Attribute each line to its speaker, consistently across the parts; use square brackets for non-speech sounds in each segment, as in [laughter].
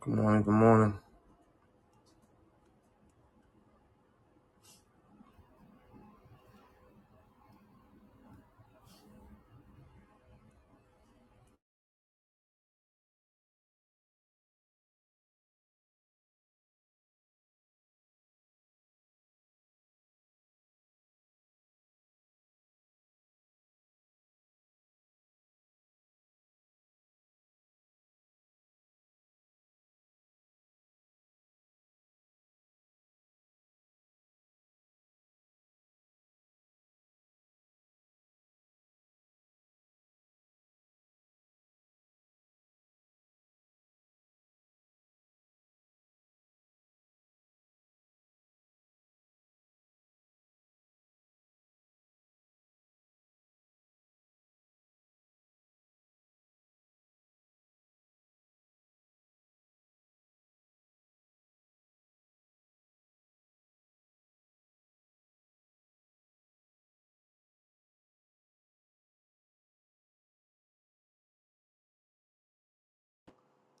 Speaker 1: Good morning, good morning.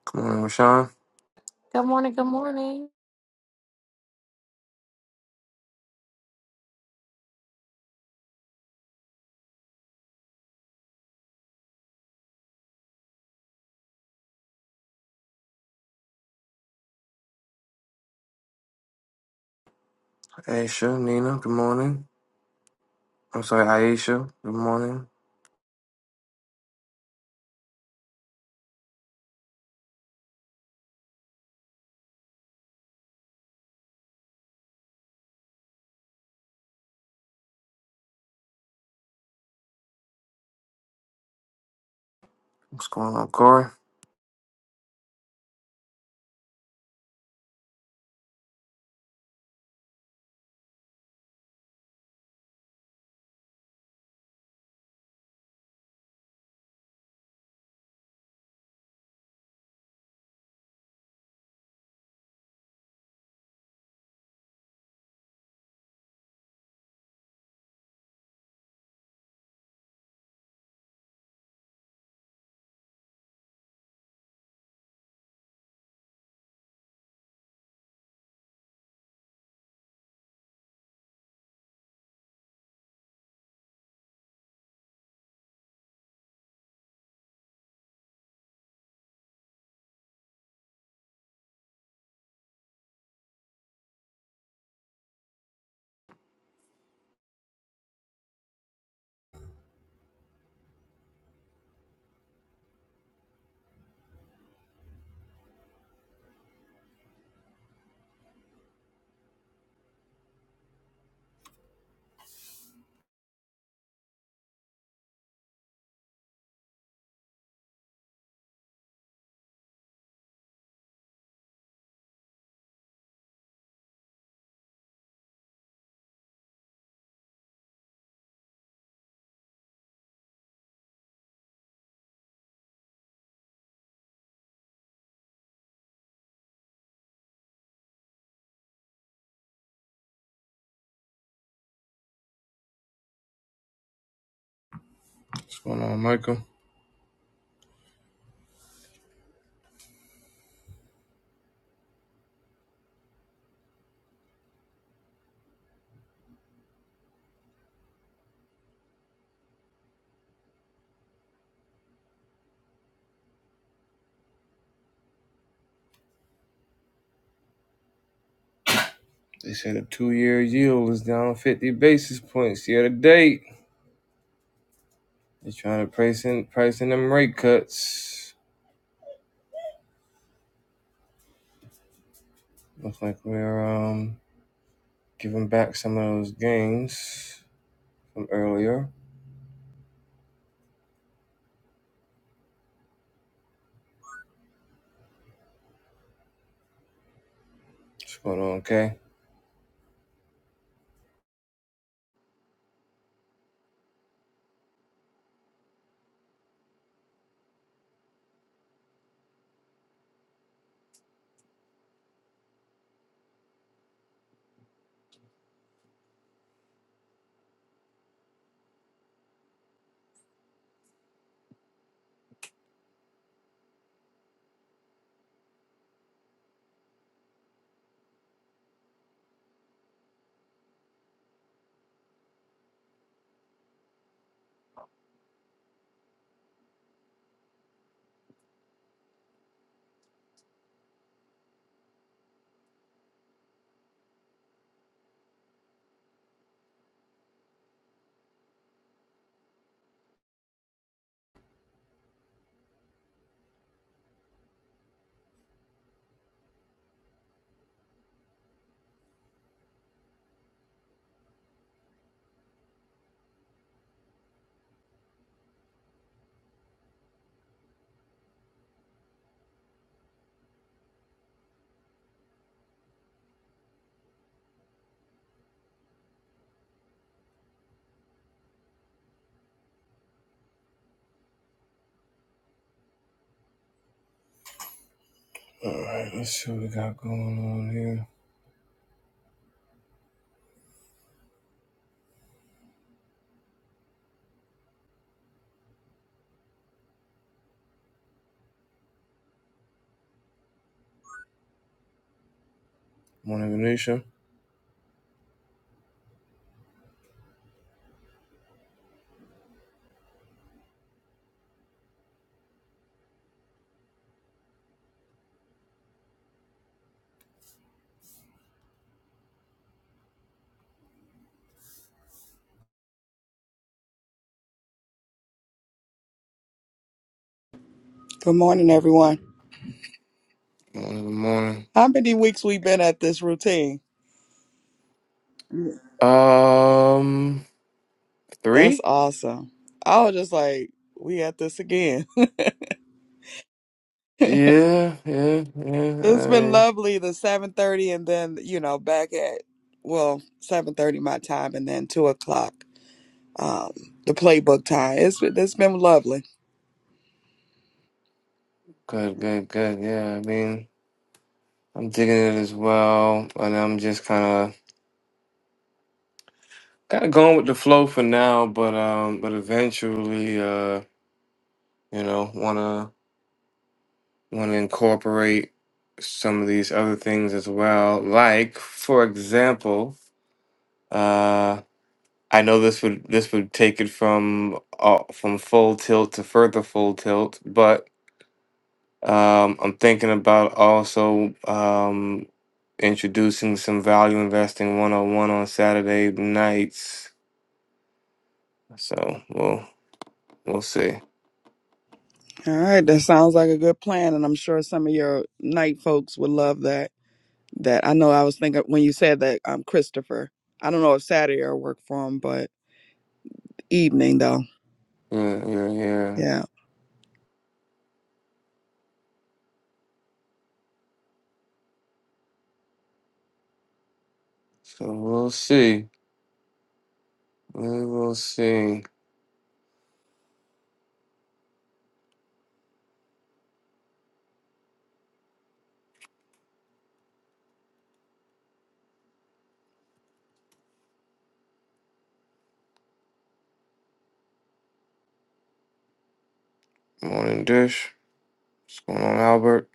Speaker 1: Good morning, Rashawn.
Speaker 2: Good morning. Good morning.
Speaker 1: Aisha, Nina, good morning. I'm sorry, Aisha, good morning. What's going on, Corey? What's going on, Michael? They said the two year yield is down 50 basis points year to date. They're trying to price in, price in them rate cuts. Looks like we're um, giving back some of those gains from earlier. What's going on, Kay? All right, let's see what we got going on here. Morning, Venetia.
Speaker 3: Good morning, everyone.
Speaker 1: Morning, good morning.
Speaker 3: How many weeks we been at this routine? Yeah.
Speaker 1: Um, three?
Speaker 3: That's awesome. I was just like, we at this again. [laughs] it's
Speaker 1: Yeah, yeah, yeah. I
Speaker 3: been
Speaker 1: mean,
Speaker 3: lovely. The seven thirty, and then you know, back at well seven thirty my time, and then two o'clock, um, the playbook time. It's been- it's been lovely.
Speaker 1: good, good, good. Yeah, I mean, I'm digging it as well, and I'm just kind of kind of going with the flow for now. But um, but eventually, uh, you know, wanna wanna incorporate some of these other things as well. Like, for example, uh, I know this would this would take it from uh, from full tilt to further full tilt, but um, I'm thinking about also um. introducing some value investing 101 on one on Saturday nights. So we'll we'll see.
Speaker 3: All right, that sounds like a good plan, and I'm sure some of your night folks would love that. That I know I was thinking when you said that, um, Christopher. I don't know if Saturday will work for him, but evening though,
Speaker 1: Yeah, yeah, yeah.
Speaker 3: yeah,
Speaker 1: So we'll see. We will see. Morning Dish. What's going on, Albert?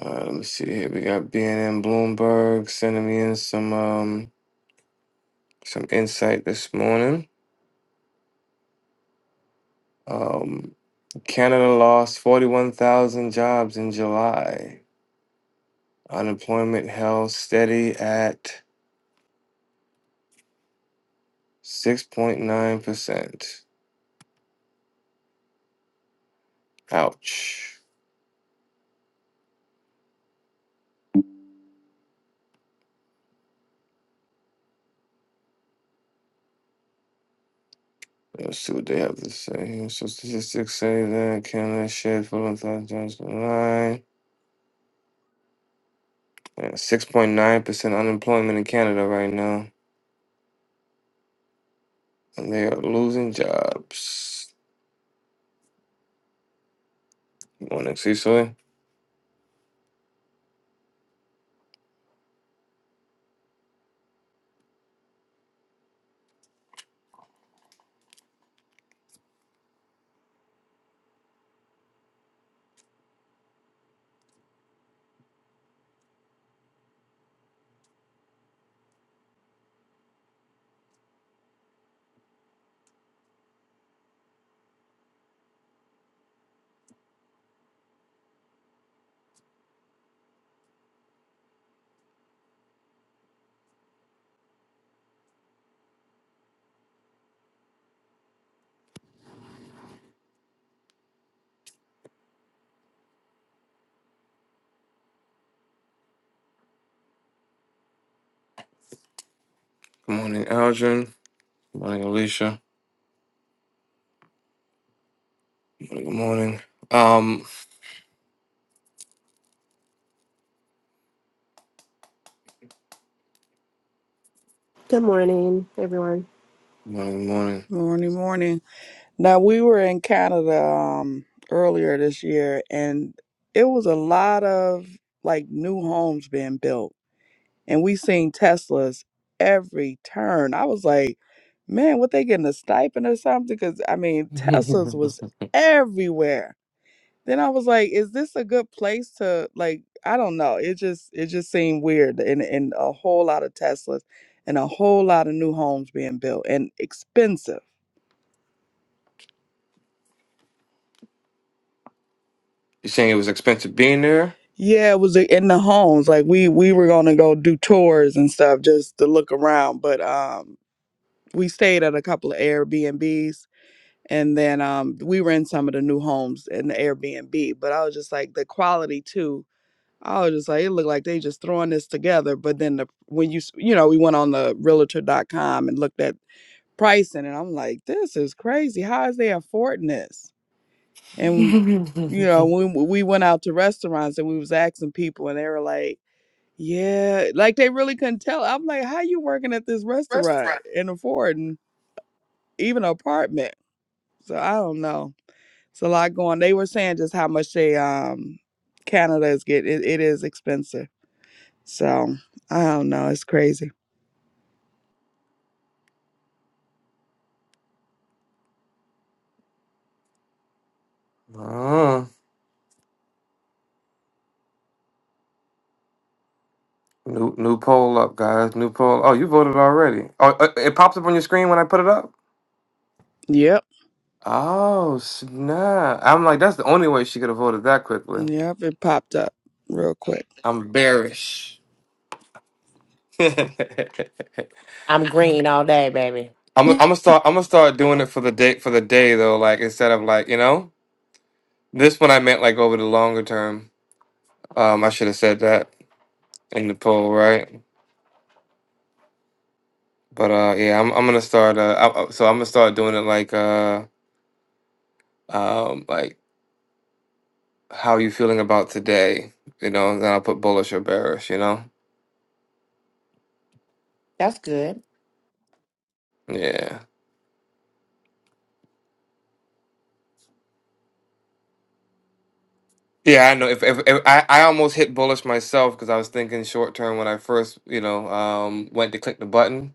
Speaker 1: Uh, let me see here. We got BNN Bloomberg sending me in some um some insight this morning. Um, Canada lost 41,000 jobs in July. Unemployment held steady at 6.9%. Ouch. Let's see what they have to say here. So statistics say that Canada shares full of five times the line. Yeah, Six point nine percent unemployment in Canada right now. And they are losing jobs. Good morning, Cecily. Good morning, Aldrin. Good morning, Alicia. Good morning. Good morning. Um
Speaker 4: Good morning, everyone.
Speaker 1: good morning, good morning.
Speaker 3: morning, morning. Now we were in Canada um earlier this year, and it was a lot of like new homes being built, and we seen Teslas every turn. I was like, man, what they getting a stipend or something? Because I mean, Teslas was everywhere Then I was like, is this a good place to like I don't know. It just it just seemed weird and and a whole lot of Teslas and a whole lot of new homes being built and expensive.
Speaker 1: [laughs] you saying it was expensive being there?
Speaker 3: Yeah, it was in the homes. Like we we were gonna go do tours and stuff just to look around, but um we stayed at a couple of Airbnbs and then um we were in some of the new homes in the Airbnb, but I was just like the quality too I was just like, it looked like they just throwing this together. But then the when you s- you know we went on the realtor dot com and looked at pricing, and I'm like, this is crazy. How is they affording this? And
Speaker 1: [laughs]
Speaker 3: you know when we we went out to restaurants and we was asking people, and they were like, yeah, like they really couldn't tell. I'm like, how you working at this restaurant and affording even an apartment? So I don't know. It's a lot going. They were saying just how much they um Canada is getting. It, it is expensive. So I don't know. It's crazy.
Speaker 1: Ah, new new poll up, guys. New poll. Oh, you voted already. Oh, uh, it pops up on your screen when I put it up?
Speaker 3: Yep.
Speaker 1: Oh snap! I'm like, that's the only way she could have voted that quickly.
Speaker 3: Yep. It popped up real quick.
Speaker 1: I'm bearish. [laughs] I'm
Speaker 2: I'm green all day, baby.
Speaker 1: I'm gonna start. I'm gonna start doing it for the day. For the day though, like instead of like you know this one, I meant like over the longer term. Um, I should have said that in the poll, right? But uh, yeah, I'm I'm gonna start. Uh, I, I- so I'm gonna start doing it like uh, um, like how are you feeling about today? You know, then I'll put bullish or bearish. You know,
Speaker 2: That's good.
Speaker 1: yeah. Yeah, I know. If, if, if I, I almost hit bullish myself because I was thinking short term when I first, you know, um, went to click the button.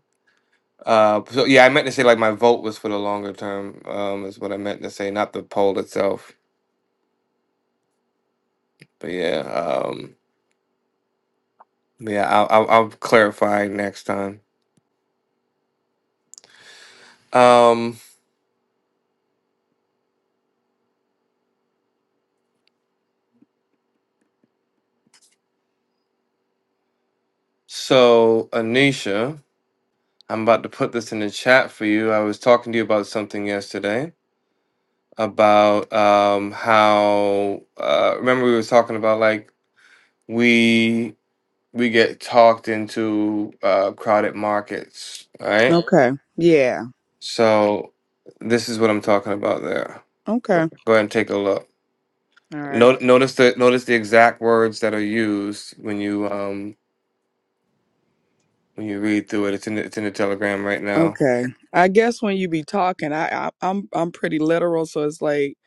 Speaker 1: Uh, so yeah, I meant to say like my vote was for the longer term. Um, is what I meant to say, not the poll itself. But yeah, um, yeah, I'll, I'll, I'll clarify next time. Um, so Anisha, I'm about to put this in the chat for you. I was talking to you about something yesterday about um how uh remember we were talking about like we we get talked into uh, crowded markets, right?
Speaker 3: Okay. Yeah.
Speaker 1: So this is what I'm talking about there.
Speaker 3: Okay.
Speaker 1: Go ahead and take a look.
Speaker 3: All right.
Speaker 1: No, notice the notice the exact words that are used when you um when you read through it. It's in the, it's in the telegram right now.
Speaker 3: Okay. I guess when you be talking, I, I I'm I'm pretty literal, so it's like,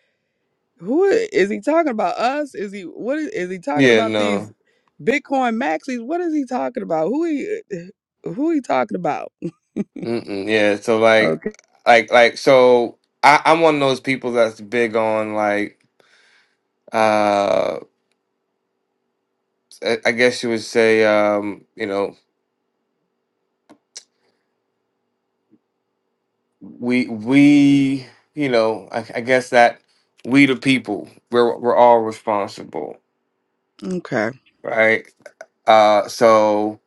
Speaker 3: who i- is he talking about? Us? Is he what is, is he talking
Speaker 1: Yeah,
Speaker 3: about? These
Speaker 1: no,
Speaker 3: Bitcoin maxis? What is he talking about? Who he who he talking about?
Speaker 1: Mm-mm, yeah. So like,
Speaker 3: Okay.
Speaker 1: like, like. So I, I'm one of those people that's big on like. Uh, I I guess you would say, um, you know, we we you know I, I guess that we the people we're we're all responsible
Speaker 3: Okay.
Speaker 1: right uh so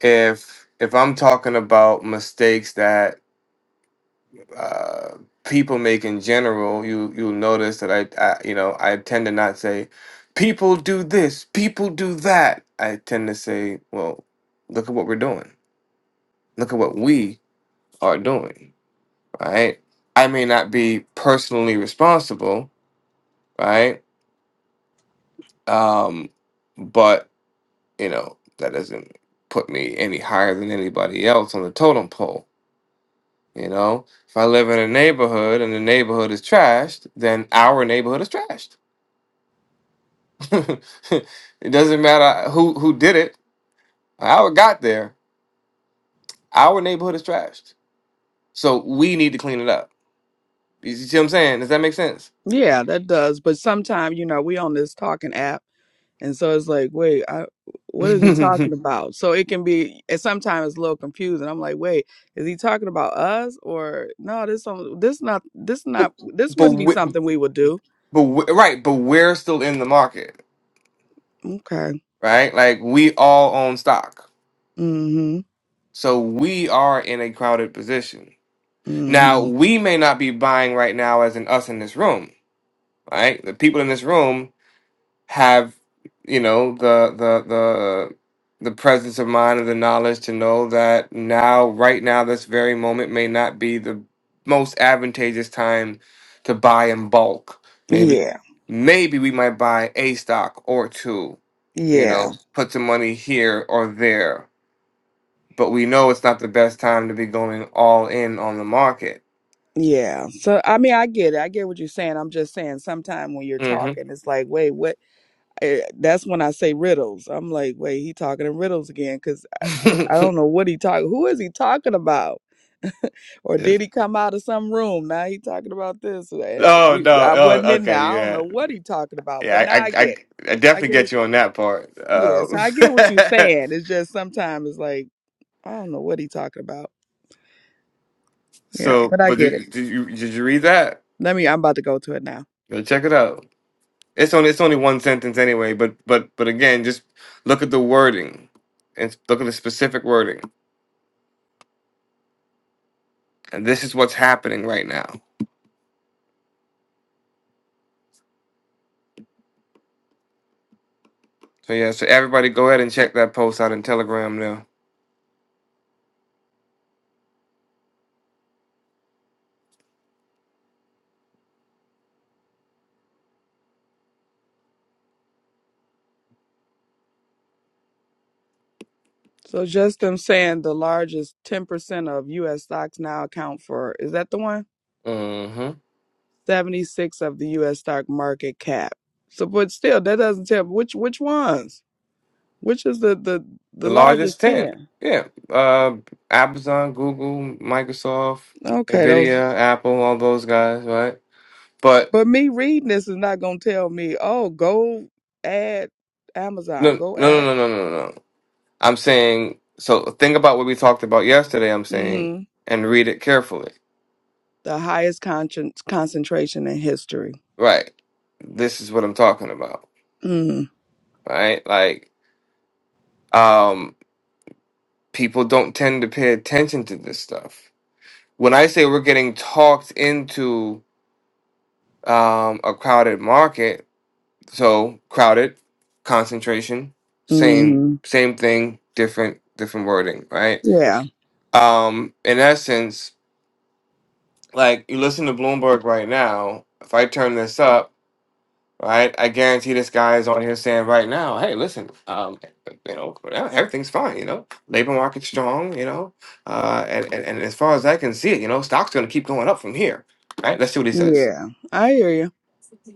Speaker 1: if if i'm talking about mistakes that uh people make in general you you'll notice that I, I you know i tend to not say people do this people do that i tend to say well look at what we're doing look at what we are doing right i may not be personally responsible right Um, but you know that doesn't put me any higher than anybody else on the totem pole. You know, if I live in a neighborhood and the neighborhood is trashed, then our neighborhood is trashed. [laughs] it doesn't matter who who did it, how it got there. Our neighborhood is trashed, so we need to clean it up. You see what I'm saying? Does that make sense?
Speaker 3: Yeah, that does. But sometimes you know we on this talking app. And so it's like, wait, I, what is he talking about? So it can be, and sometimes it's a little confusing. I'm like, wait, is he talking about us or no? This some, this not, this
Speaker 1: [laughs] but
Speaker 3: not, this
Speaker 1: but,
Speaker 3: wouldn't be
Speaker 1: we,
Speaker 3: something we would do.
Speaker 1: but we, right, but we're still in the market,
Speaker 3: Okay.
Speaker 1: right? Like we all own stock
Speaker 3: Mm-hmm.
Speaker 1: So we are in a crowded position. Now,
Speaker 3: Mm-hmm.
Speaker 1: we may not be buying right now as in us in this room, right? The people in this room have, you know, the the the the presence of mind and the knowledge to know that now right now this very moment may not be the most advantageous time to buy in bulk. Maybe
Speaker 3: Yeah.
Speaker 1: maybe we might buy a stock or two, you
Speaker 3: Yeah.
Speaker 1: know, put some money here or there but we know it's not the best time to be going all in on the market.
Speaker 3: Yeah. So I mean, I get it. I get what you're saying. I'm just saying, sometime when you're
Speaker 1: hmm
Speaker 3: talking, it's like, wait, what? eh, That's when I say riddles. I'm like, wait, he talking in riddles again because I I
Speaker 1: [laughs]
Speaker 3: don't know what he talking. Who is he talking about? Or
Speaker 1: Yes.
Speaker 3: did he come out of some room? Now he talking about this. uh, Eh,
Speaker 1: oh
Speaker 3: We
Speaker 1: no!
Speaker 3: I wasn't
Speaker 1: Oh,
Speaker 3: in there. I
Speaker 1: okay,
Speaker 3: don't
Speaker 1: yeah,
Speaker 3: know what he talking about, but
Speaker 1: yeah. I,
Speaker 3: now I
Speaker 1: I, I
Speaker 3: get it.
Speaker 1: I
Speaker 3: I
Speaker 1: definitely
Speaker 3: get what
Speaker 1: get you on that part.
Speaker 3: you Yeah,
Speaker 1: Uh,
Speaker 3: so I get what you're saying. It's just sometimes it's like, I don't know what he talking about.
Speaker 1: [laughs]
Speaker 3: Yeah,
Speaker 1: so,
Speaker 3: but I
Speaker 1: but
Speaker 3: get it.
Speaker 1: did, did you did you read that?
Speaker 3: Let me I'm about to go to it now.
Speaker 1: Go check it out. It's only it's only one sentence anyway. But but but again, just look at the wording and look at the specific wording. And this is what's happening right now. So yeah. So everybody, go ahead and check that post out in Telegram now.
Speaker 3: So just them saying the largest ten percent of US stocks now account for is that the one?
Speaker 1: hmm
Speaker 3: Seventy six of the US stock market cap. So but still that doesn't tell me which which ones? Which is the the,
Speaker 1: The
Speaker 3: the
Speaker 1: largest
Speaker 3: largest
Speaker 1: ten.
Speaker 3: ten?
Speaker 1: Yeah. Uh, Amazon, Google, Microsoft,
Speaker 3: Okay, those
Speaker 1: Nvidia, Apple, all those guys, right? But
Speaker 3: But me reading this is not gonna tell me, oh, go add Amazon,
Speaker 1: no,
Speaker 3: go
Speaker 1: no, no,
Speaker 3: add
Speaker 1: no, no, no, no. I'm saying so. Think about what we talked about yesterday. I'm saying,
Speaker 3: hmm
Speaker 1: and read it carefully.
Speaker 3: the highest concent concentration in history.
Speaker 1: Right. This is what I'm talking about.
Speaker 3: Mm-hmm.
Speaker 1: Right. Like, um, people don't tend to pay attention to this stuff. When I say we're getting talked into um, a crowded market, So crowded, concentration, same
Speaker 3: Mm-hmm.
Speaker 1: same thing, different different wording, right?
Speaker 3: Yeah,
Speaker 1: Um, in essence, like you listen to Bloomberg right now. If I turn this up, right, I guarantee this guy is on here saying right now, "Hey, listen, um, you know, everything's fine. You know, labor market's strong. You know, uh, and, and and as far as I can see it, you know, stocks going to keep going up from here, right? Let's see what he says."
Speaker 3: yeah, I hear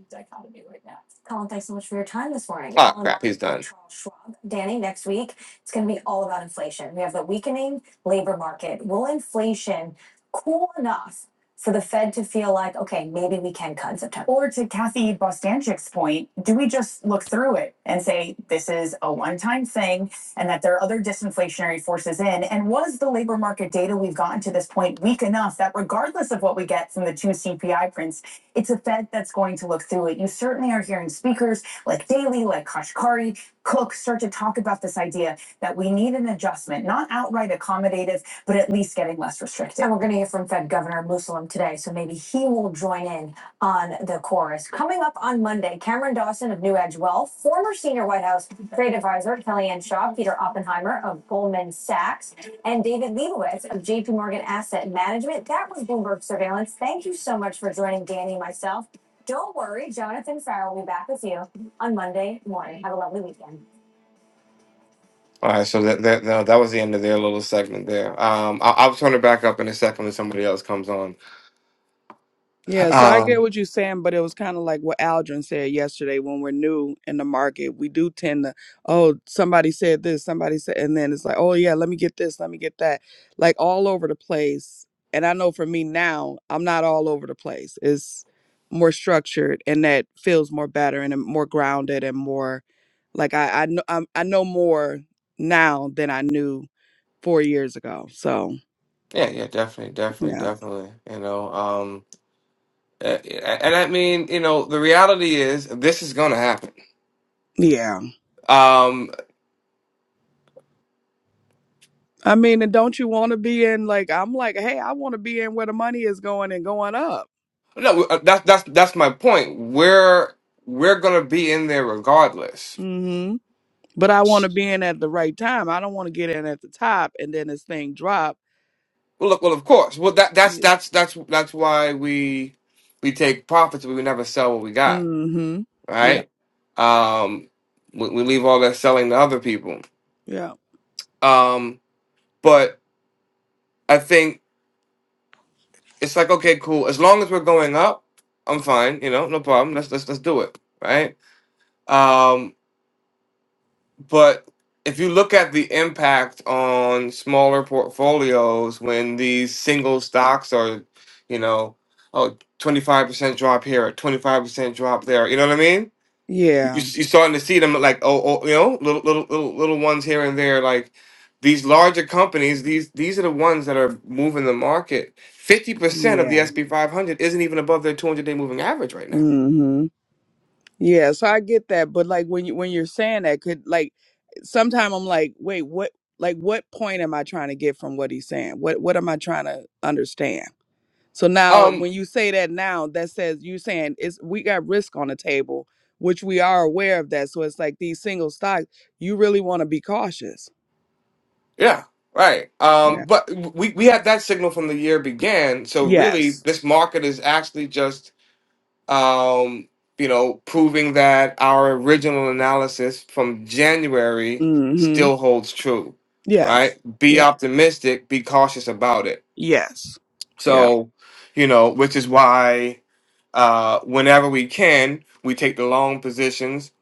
Speaker 1: dichotomy right now. Colin, thanks so much for your time this morning. Oh Colin crap, he's done. Charles Schwab. Danny, next week, it's going to be all about inflation. We have the weakening labor market. Will inflation cool enough for the Fed to feel like, okay, maybe we can cut in September? Or to Kathy Bostanchik's point, do we just look through it and say this is a one time thing and that there are other disinflationary forces in? And was the labor market data we've gotten to this point weak enough that regardless of what we get from the two CPI prints, it's a Fed that's going to look through it. You certainly are hearing speakers like Daly, like Kashkari, Cook start to talk about this idea that we need an adjustment, not outright accommodative, but at least getting less restrictive. And we're going to hear from Fed Governor Muslim today, so maybe he will join in on the chorus. Coming up on Monday, Cameron Dawson of New Edge Wealth, former senior White House trade advisor Kellyanne Shaw, Peter Oppenheimer of Goldman Sachs, and David Leibowitz of JP Morgan Asset Management. That was Bloomberg Surveillance. Thank you so much for joining Danny and myself. Don't worry, Jonathan Farrell will be back with you on Monday morning. Have a lovely weekend. All right, so that that no, that was the end of their little segment there. Um, I, I'll turn it back up in a second when somebody else comes on.
Speaker 3: Yeah, so I get
Speaker 1: Um,
Speaker 3: what you're saying, but it was kind of like what Aldrin said yesterday when we're new in the market. We do tend to, oh, somebody said this, somebody said, and then it's like, oh, yeah, let me get this, let me get that, like all over the place. And I know for me now, I'm not all over the place. It's more structured and that feels more better and i more grounded and more like I, I, know, I'm, I know more now than I knew four years ago. So,
Speaker 1: yeah, yeah, definitely, definitely,
Speaker 3: yeah.
Speaker 1: definitely. You know, um, a- a- and I mean, you know, the reality is this is gonna happen.
Speaker 3: Yeah.
Speaker 1: Um,
Speaker 3: I mean, and don't you want to be in like I'm like, hey, I want to be in where the money is going and going up.
Speaker 1: No, uh, that's that's that's my point. We're we're gonna be in there regardless.
Speaker 3: hmm But I want to be in at the right time. I don't want to get in at the top and then this thing drop.
Speaker 1: Well, look, well, of course. Well, that that's
Speaker 3: Yeah.
Speaker 1: that's that's that's why we we take profits, but we would never sell what we got,
Speaker 3: hmm Yeah.
Speaker 1: right? Um, we, we leave all that selling to other people.
Speaker 3: Yeah.
Speaker 1: Um, but I think it's like okay, cool. As long as we're going up, I'm fine. You know, no problem. Let's let's let's do it, right? Um, But if you look at the impact on smaller portfolios when these single stocks are, you know, oh, 25% drop here, 25% drop there, you know what I mean? You, you're
Speaker 3: Yeah.
Speaker 1: starting to see them like, oh, oh, you know, little, little, little, little ones here and there. Like these larger companies, these, these are the ones that are moving the market. 50% of the
Speaker 3: Yeah.
Speaker 1: SP 500 isn't even above their 200 day moving average right now.
Speaker 3: hmm Yeah. So I get that, but like when you when you're saying that, could like sometime I'm like, wait, what? Like, what point am I trying to get from what he's saying? What What am I trying to understand? So now
Speaker 1: Um.
Speaker 3: when you say that now, that says you saying it's we got risk on the table, which we are aware of that. So it's like these single stocks, you really want to be cautious.
Speaker 1: Yeah, right.
Speaker 3: Yeah.
Speaker 1: Um, but we we had that signal from the year began. So really,
Speaker 3: Yes.
Speaker 1: this market is actually just um, you know proving that our original analysis from January
Speaker 3: Mm-hmm.
Speaker 1: still holds true, right?
Speaker 3: Yes.
Speaker 1: Be
Speaker 3: Yeah.
Speaker 1: optimistic. Be cautious about it.
Speaker 3: Yes. Yeah.
Speaker 1: So you know, which is why uh, whenever we can, we take the long positions.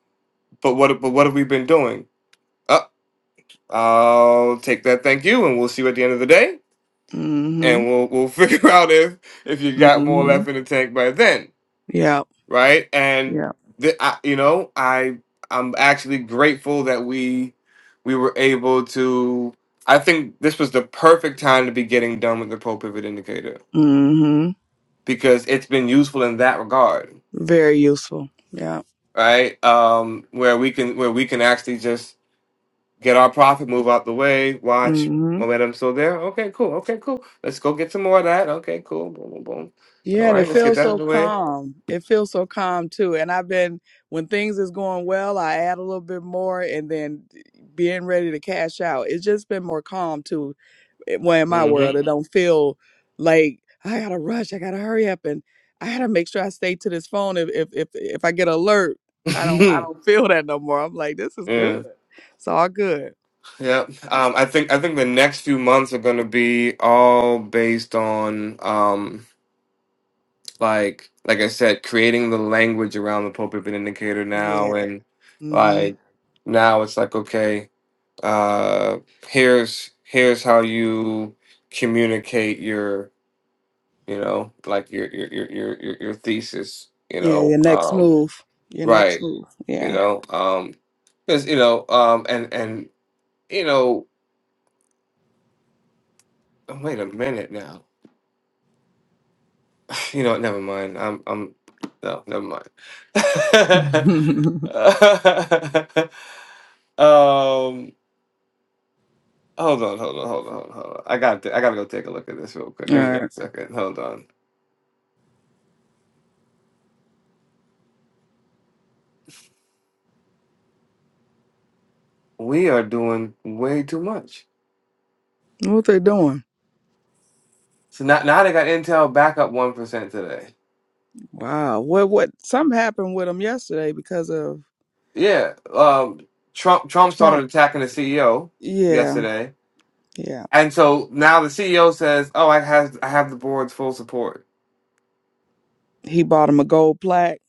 Speaker 1: But what but what have we been doing? Up, I'll take that. Thank you, and we'll see you at the end of the day.
Speaker 3: Mm-hmm.
Speaker 1: and we'll we'll [laughs] figure out if if you got more
Speaker 3: Mm-hmm.
Speaker 1: left in the tank by then,
Speaker 3: Yeah.
Speaker 1: right? And
Speaker 3: Yeah.
Speaker 1: the, I, you know, I I'm actually grateful that we we were able to. I think this was the perfect time to be getting done with the pro pivot indicator
Speaker 3: Mm-hmm.
Speaker 1: because it's been useful in that regard,
Speaker 3: Very useful. Yeah.
Speaker 1: right? Um, where we can where we can actually just get our profit move out the way, watch momentum still there. Okay, cool. Okay, cool. Let's go get some more of that. Okay, cool. Boom, boom, boom. All
Speaker 3: Yeah, and
Speaker 1: right,
Speaker 3: it
Speaker 1: let's get
Speaker 3: feels
Speaker 1: that out of
Speaker 3: so
Speaker 1: the way
Speaker 3: calm. It feels so calm too. And I've been when things is going well, I add a little bit more, and then being ready to cash out. It's just been more calm too. It- Well, in my
Speaker 1: Mm-hmm.
Speaker 3: world, it don't feel like I gotta rush. I gotta hurry up, and I gotta make sure I stay to this phone. If if if, if I get alert, I don't I don't feel that no more. I'm like, this
Speaker 1: [laughs]
Speaker 3: is
Speaker 1: yeah.
Speaker 3: good. It's all good.
Speaker 1: Yeah. Um, I think I think the next few months are going to be all based on um, like like I said, creating the language around the Pope Pivot Indicator
Speaker 3: Yeah.
Speaker 1: now, and
Speaker 3: hmm
Speaker 1: like now it's like okay, uh, here's here's how you communicate your you know like your your your your your, your thesis, you
Speaker 3: Yeah.
Speaker 1: know,
Speaker 3: Your next
Speaker 1: um,
Speaker 3: move. Your next
Speaker 1: right,
Speaker 3: move.
Speaker 1: you
Speaker 3: Yeah.
Speaker 1: know, um, because you know, um, and and you know Oh, wait a minute now. [laughs] You know, what, never mind. I'm, I'm, no, never mind.
Speaker 3: [laughs] all
Speaker 1: [laughs] Um, hold on, hold on, hold on, hold on, hold on. I got, to, I gotta go take a look at this real quick. Give me
Speaker 3: right.
Speaker 1: one second. Hold on. We are doing way too much.
Speaker 3: What they doing?
Speaker 1: So now, now they got Intel back up one percent today.
Speaker 3: Wow. What what something happened with him yesterday because of
Speaker 1: Yeah. Um, Trump, Trump started
Speaker 3: Trump.
Speaker 1: attacking the CEO
Speaker 3: Yeah,
Speaker 1: yesterday,
Speaker 3: yeah.
Speaker 1: and so now the CEO says, "Oh, I have, I have the board's full support."
Speaker 3: He bought him a gold plaque.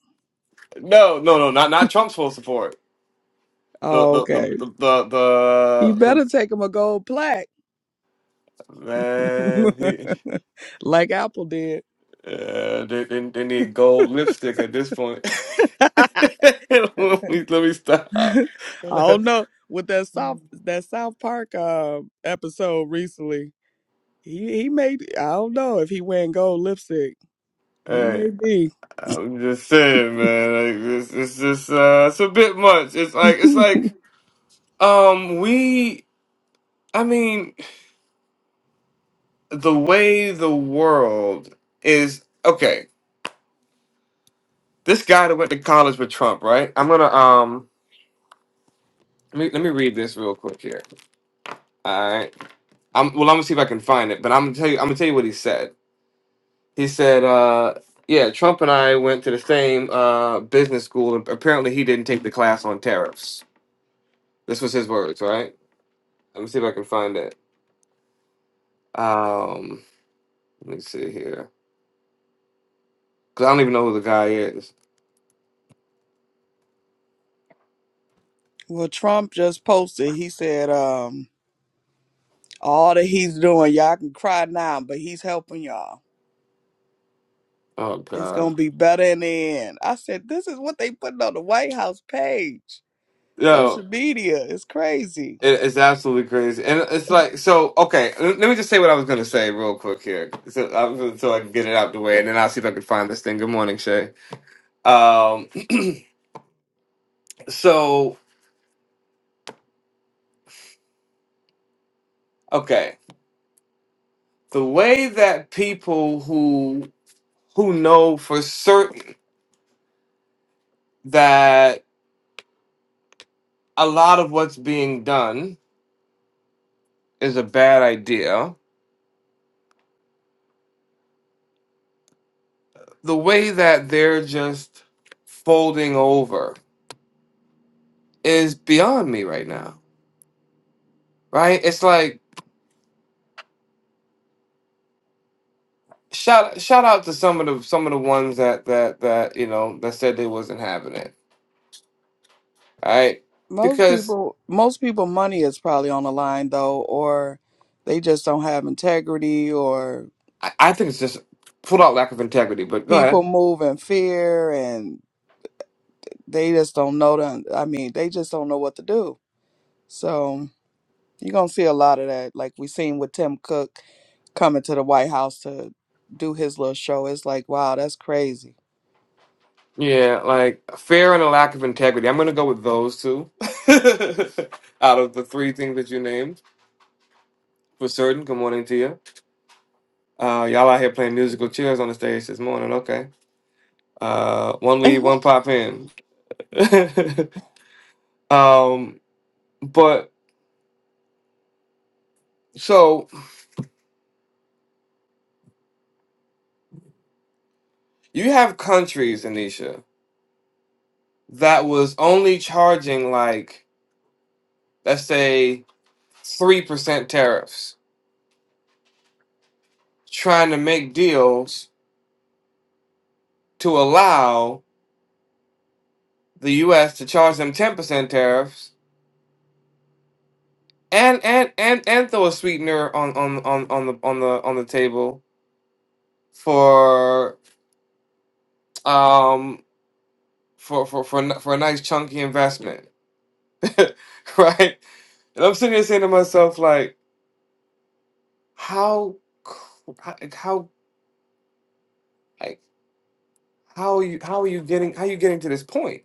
Speaker 1: No, no, no, not not Trump's full support. The
Speaker 3: Oh,
Speaker 1: the the
Speaker 3: okay.
Speaker 1: the the,
Speaker 3: He
Speaker 1: the, the
Speaker 3: better take him a gold plaque.
Speaker 1: man, he,
Speaker 3: [laughs] like Apple did.
Speaker 1: uh, they, they, they need gold lipstick at this point.
Speaker 3: [laughs]
Speaker 1: [laughs]
Speaker 3: I
Speaker 1: let me let me stop. [laughs]
Speaker 3: don't know. With that South that South Park uh, episode recently, he he may I don't know if he wearing gold lipstick. He
Speaker 1: hey,
Speaker 3: may be.
Speaker 1: I'm just saying, man. Like this, it's just uh, it's a bit much. It's like it's like um, we. I mean, the way the world is. Okay, this guy that went to college with Trump, right? I'm gonna um. Let me let me read this real quick here. All right. I'm well. I'm gonna see if I can find it, but I'm gonna tell you. I'm gonna tell you what he said. He said, uh, "Yeah, Trump and I went to the same uh, business school, and apparently he didn't take the class on tariffs." This was his words, all right? Let me see if I can find it. Um, let me see here, because I don't even know who the guy is.
Speaker 3: [laughs] well, Trump just posted. He said, um, All that he's doing, y'all can cry now, but he's helping y'all.
Speaker 1: Oh
Speaker 3: It's
Speaker 1: God,
Speaker 3: gonna be better in the end. I said, this is what they putting on the White House page. Social
Speaker 1: yo,
Speaker 3: media is crazy.
Speaker 1: it, it's absolutely crazy, and it's like so. Okay, l- let me just say what I was gonna say real quick here, so, I was gonna- so I can get it out the way, and then I'll see if I can find this thing. Good morning, Shay. Um, so okay, the way that people who who know for certain that a lot of what's being done is a bad idea, the way that they're just folding over is beyond me right now. Right? It's like shout shout out to some of the some of the ones that that that you know that said they wasn't having it. Right?
Speaker 3: Most
Speaker 1: Because
Speaker 3: people, most people, money is probably on the line though, or they just don't have integrity, or
Speaker 1: I, I think it's just pulled out lack of integrity. But go ahead.
Speaker 3: people move in fear, and they just don't know. To, I mean, they just don't know what to do. So. You're gonna see a lot of that, like we seen with Tim Cook coming to the White House to do his little show. It's like, wow, that's crazy.
Speaker 1: Yeah, like fear and a lack of integrity. I'm gonna go with those two [laughs] out of the three things that you named for certain. Good morning to you. Uh, y'all out here playing musical chairs on the stage this morning. Okay. Uh, one lead, one
Speaker 5: that
Speaker 1: pop in. [laughs] um, but so you have countries, Anisha, that was only charging like let's say three percent tariffs, trying to make deals to allow the U.S. to charge them ten percent tariffs and and and and throw a sweetener on on on on the on the on the table for um for for for n- for a nice chunky investment, [laughs] right? And I'm sitting here saying to myself like, how cr- how like, how, like how are you how are you getting how are you getting to this point?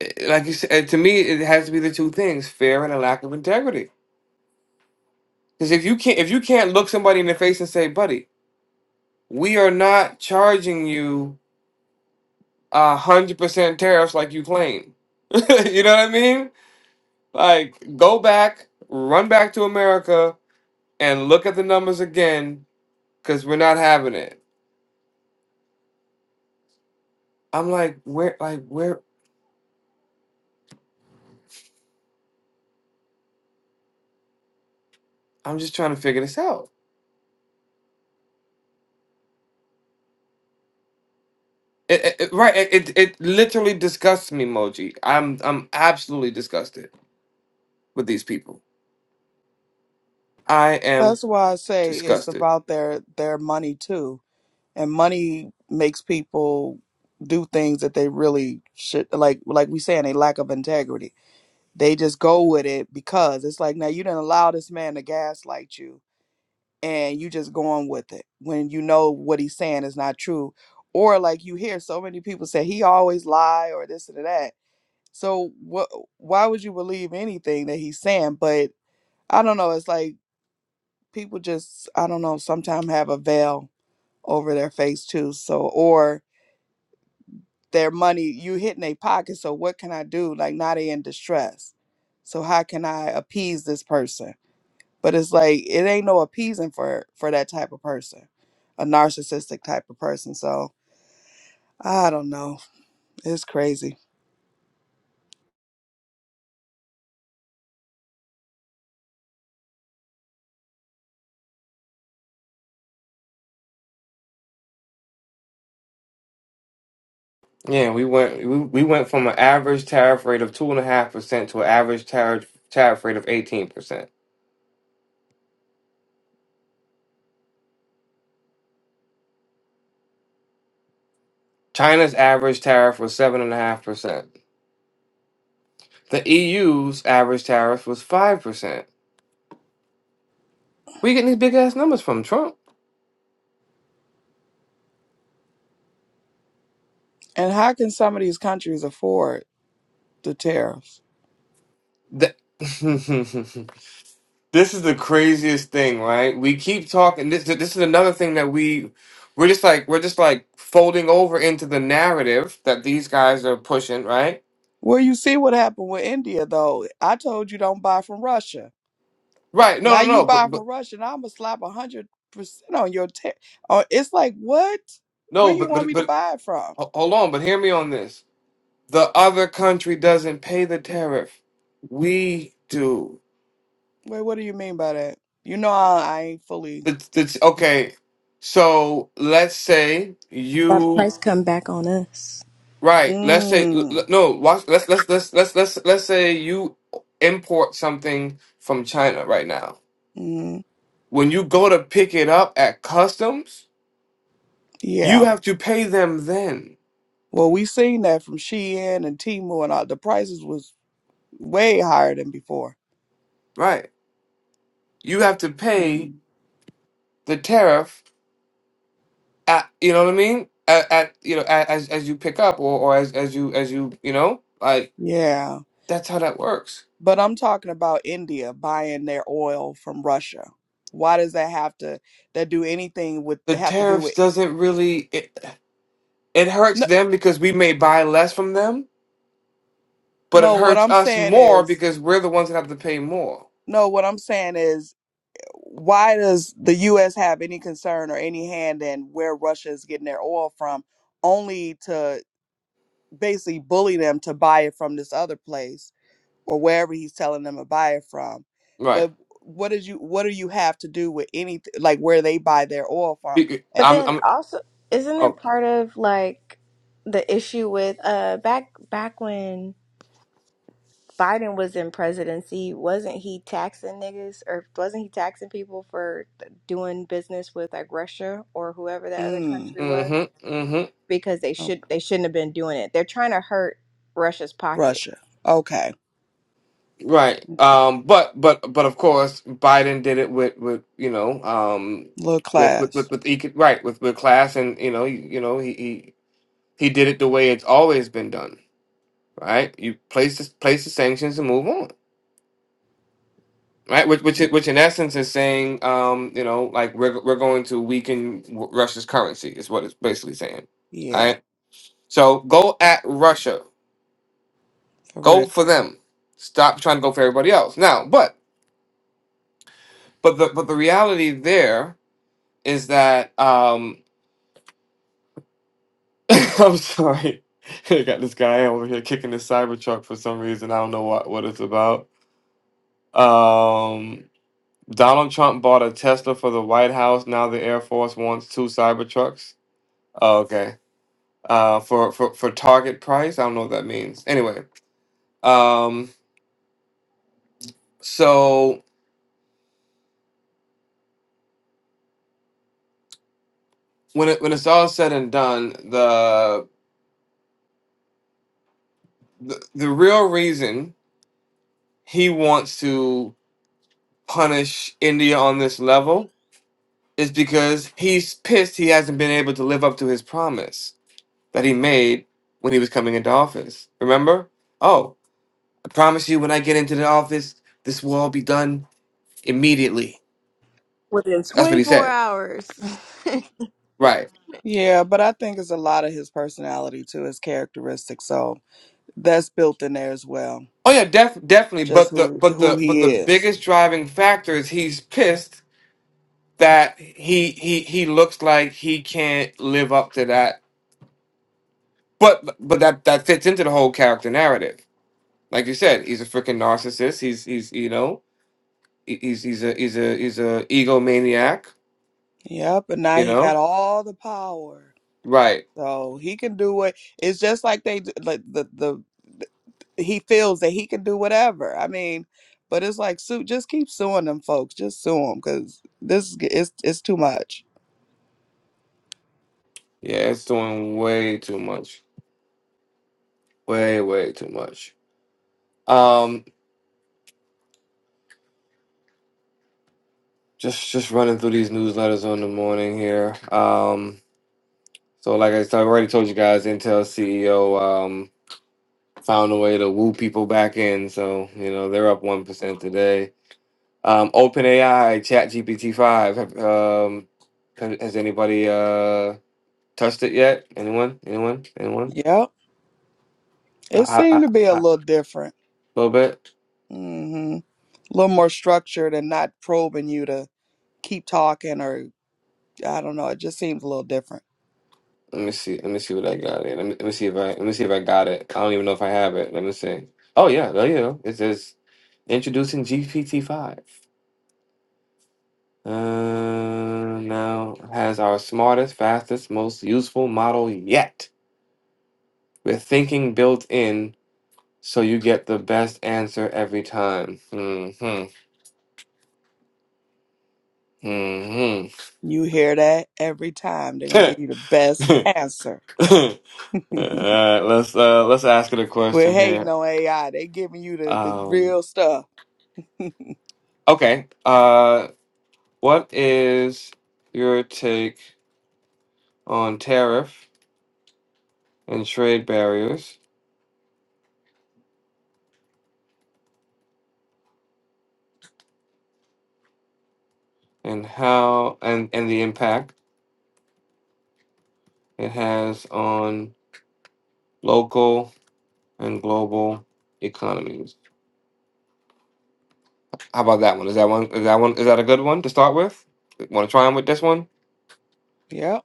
Speaker 1: Eh, Like you said, eh, to me, it has to be the two things: fear and a lack of integrity. Because if you can't if you can't look somebody in the face and say, "Buddy, we are not charging you a hundred percent tariffs like you claim. [laughs] you know what I mean? Like, go back, run back to America, and look at the numbers again, because we're not having it. I'm like, where, like, where? I'm just trying to figure this out. It, it, it- right? It, it it literally disgusts me, Moji. I'm I'm absolutely disgusted with these people. I am
Speaker 3: That's why I say it's
Speaker 1: disgusted.
Speaker 3: about their their money too, and money makes people do things that they really should like. Like we saying, a lack of integrity. They just go with it because it's like, now you didn't allow this man to gaslight you and you just going with it when you know what he's saying is not true or like you hear so many people say he always lie or this and that so what why would you believe anything that he's saying but i don't know it's like people just i don't know sometimes have a veil over their face too so or their money you hitting their pocket so what can i do like now they in distress so how can i appease this person But it's like it ain't no appeasing for for that type of person, a narcissistic type of person. So I don't know. It's crazy.
Speaker 1: Yeah, we went we, we went from an average tariff rate of two and a half percent to an average tariff tariff rate of eighteen percent. China's average tariff was seven and a half percent. The EU's average tariff was five percent. Where you getting these big ass numbers from, Trump?
Speaker 3: And how can some of these countries afford the tariffs?
Speaker 1: The [laughs] This is the craziest thing, right? We keep talking. This this is another thing that we we're just like we're just like folding over into the narrative that these guys are pushing, right?
Speaker 3: Well, you see what happened with India, though. I told you don't buy from Russia.
Speaker 1: Right. No,
Speaker 3: Now
Speaker 1: no,
Speaker 3: you
Speaker 1: no.
Speaker 3: buy
Speaker 1: But
Speaker 3: from
Speaker 1: but
Speaker 3: Russia, and I'm gonna slap a hundred percent on your tariff. Oh, it's like what? Where
Speaker 1: no,
Speaker 3: you
Speaker 1: but
Speaker 3: want
Speaker 1: but
Speaker 3: me to
Speaker 1: but
Speaker 3: buy it from?
Speaker 1: ho- hold on, but hear me on this. The other country doesn't pay the tariff. We do.
Speaker 3: Wait, what do you mean by that? You know, I, I ain't fully.
Speaker 1: It's, it's okay. So let's say you
Speaker 5: price come back on us.
Speaker 1: Right. Let's say l-
Speaker 3: Mm,
Speaker 1: l- no. Watch. Let's let's let's let's let's let's say you import something from China right now.
Speaker 3: mm,
Speaker 1: When you go to pick it up at customs,
Speaker 3: yeah.
Speaker 1: you have to pay them then.
Speaker 3: Well, we seen that from Shein and Temu, and all, the prices was way higher than before.
Speaker 1: Right. You have to pay
Speaker 3: Mm.
Speaker 1: the tariff at you know what I mean at, at you know at, as as you pick up or or as as you as you you know like
Speaker 3: Yeah,
Speaker 1: that's how that works.
Speaker 3: but I'm talking about India buying their oil from Russia. Why does that have to that do anything with
Speaker 1: The
Speaker 3: have to do
Speaker 1: tariffs
Speaker 3: with
Speaker 1: doesn't really it, it hurts
Speaker 3: no?
Speaker 1: them because we may buy less from them but it
Speaker 3: No, what
Speaker 1: hurts
Speaker 3: I'm
Speaker 1: us
Speaker 3: saying
Speaker 1: more
Speaker 3: is
Speaker 1: because we're the ones that have to pay more.
Speaker 3: no. What I'm saying is why does the U.S. have any concern or any hand in where Russia is getting their oil from, only to basically bully them to buy it from this other place? or wherever he's telling them to buy it from.
Speaker 1: Right.
Speaker 3: But what did you what do you have to do with anything like where they buy their oil from?
Speaker 1: Be-
Speaker 5: But
Speaker 3: At,
Speaker 1: I'm.
Speaker 5: then
Speaker 1: I'm.
Speaker 5: also, isn't it
Speaker 1: Oh.
Speaker 5: part of like the issue with uh back back when Biden was in presidency, wasn't he taxing niggas or wasn't he taxing people for doing business with like Russia or whoever that other
Speaker 3: mm,
Speaker 5: country was?
Speaker 1: Mm-hmm. Mm-hmm.
Speaker 5: Because they
Speaker 3: oh,
Speaker 5: should they shouldn't have been doing it. They're trying to hurt Russia's pocket
Speaker 3: Russia. Okay,
Speaker 1: Right.
Speaker 3: okay.
Speaker 1: Um. But. But. But of course, Biden did it with. With. You know. Um.
Speaker 3: Little
Speaker 1: With. With.
Speaker 3: class.
Speaker 1: With. with eco- right. With. With class, and you know. You, you know. He. He. He did it the way it's always been done. Right. You place. The, place the sanctions and move on. Right, which which
Speaker 3: Yeah,
Speaker 1: which in essence is saying, um, you know, like we're we're going to weaken Russia's currency is what it's basically saying, right?
Speaker 3: yeah,
Speaker 1: So go at Russia.
Speaker 3: for
Speaker 1: Go
Speaker 3: real.
Speaker 1: for them. Stop trying to go for everybody else. Now, but but the but the reality there is that um [laughs] I'm sorry. [laughs] I got this guy over here kicking his Cybertruck for some reason. I don't know what, what it's about. Um Donald Trump bought a Tesla for the White House. Now the Air Force wants two Cybertrucks. Oh, okay. Uh for, for for target price. I don't know what that means. Anyway. Um so when it, when it's all said and done, the, the the real reason he wants to punish India on this level is because he's pissed he hasn't been able to live up to his promise that he made when he was coming into office. Remember? Oh, I promise you, when I get into the office, this will all be done immediately.
Speaker 5: within
Speaker 1: That's what he
Speaker 5: 24
Speaker 1: said.
Speaker 5: hours. [laughs]
Speaker 1: Right.
Speaker 3: Yeah, but I think it's a lot of his personality too, his characteristics. So that's built in there as well.
Speaker 1: Oh yeah, def- definitely.
Speaker 3: Just
Speaker 1: But the
Speaker 3: who
Speaker 1: but
Speaker 3: who
Speaker 1: the but
Speaker 3: he
Speaker 1: the
Speaker 3: is.
Speaker 1: biggest driving factor is he's pissed that he he he looks like he can't live up to that. But but that that fits into the whole character narrative. Like you said, he's a freaking narcissist. He's he's you know he- he's he's a he's a he's a egomaniac.
Speaker 3: Yep, and now
Speaker 1: You
Speaker 3: he got
Speaker 1: know
Speaker 3: all the power.
Speaker 1: right?
Speaker 3: So he can do what it's just like they d- like the the he feels that he can do whatever. I mean, but it's like sue just keep suing them folks. Just sue them cuz this is g- it's it's too much.
Speaker 1: Yeah, it's doing way too much. Way way too much. Um, just just running through these newsletters on the morning here. Um, so like I said, I already told you guys, Intel CEO. found a way to woo people back in. So you know they're up one percent today. Um, OpenAI ChatGPT five. have, Um, has, has anybody uh, touched it yet? Anyone? Anyone? Anyone?
Speaker 3: Yep.
Speaker 1: I,
Speaker 3: It
Speaker 1: I, I,
Speaker 3: seemed to be a
Speaker 1: I, a
Speaker 3: little different.
Speaker 1: little bit.
Speaker 3: Mhm. A little more structured and not probing you to keep talking or I don't know, it just seems a little different.
Speaker 1: Let me see. Let me see what I got here. Let me, let me see if I let me see if I got it. I don't even know if I have it. Let me see. Oh yeah, there you go. It says introducing GPT five. Uh, now has our smartest, fastest, most useful model yet. with thinking built in so you get the best answer every time. hmm hmm
Speaker 3: You hear that every time they're going to give you the best
Speaker 1: [laughs]
Speaker 3: answer. [laughs]
Speaker 1: Alright, let's uh let's ask it a
Speaker 3: Quit
Speaker 1: question
Speaker 3: hating
Speaker 1: here.
Speaker 3: on AI. They giving you the, the
Speaker 1: Um
Speaker 3: real stuff. [laughs]
Speaker 1: okay. Uh what is your take on tariff and trade barriers and how and, and the impact it has on local and global economies? How about that one? Is that one? Is that one? Is that a good one to start with? Want to try on with this one?
Speaker 3: Yep.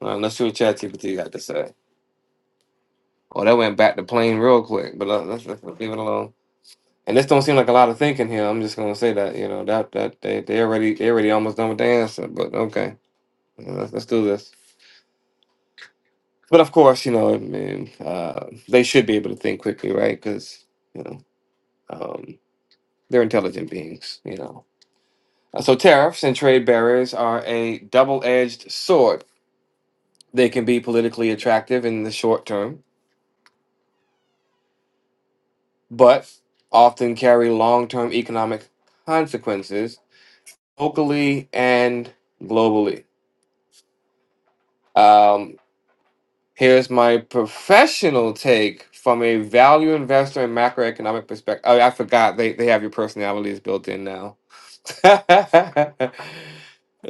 Speaker 1: All right, let's see what ChatGPT got to say. Oh, that went back to plain real quick, but let- let's, let's leave it alone. And this don't seem like a lot of thinking here. I'm just gonna say that you know that that they they already they already almost done with the answer. But okay, Yeah, let's, let's do this. But of course, you know, I mean, uh, they should be able to think quickly, right? Because you know, um, they're intelligent beings. You know, uh, So tariffs and trade barriers are a double-edged sword They can be politically attractive in the short term, but often carry long term economic consequences locally and globally. Um, here's my professional take from a value investor and macroeconomic perspective. Oh, I forgot they, they have your personalities built in now. [laughs]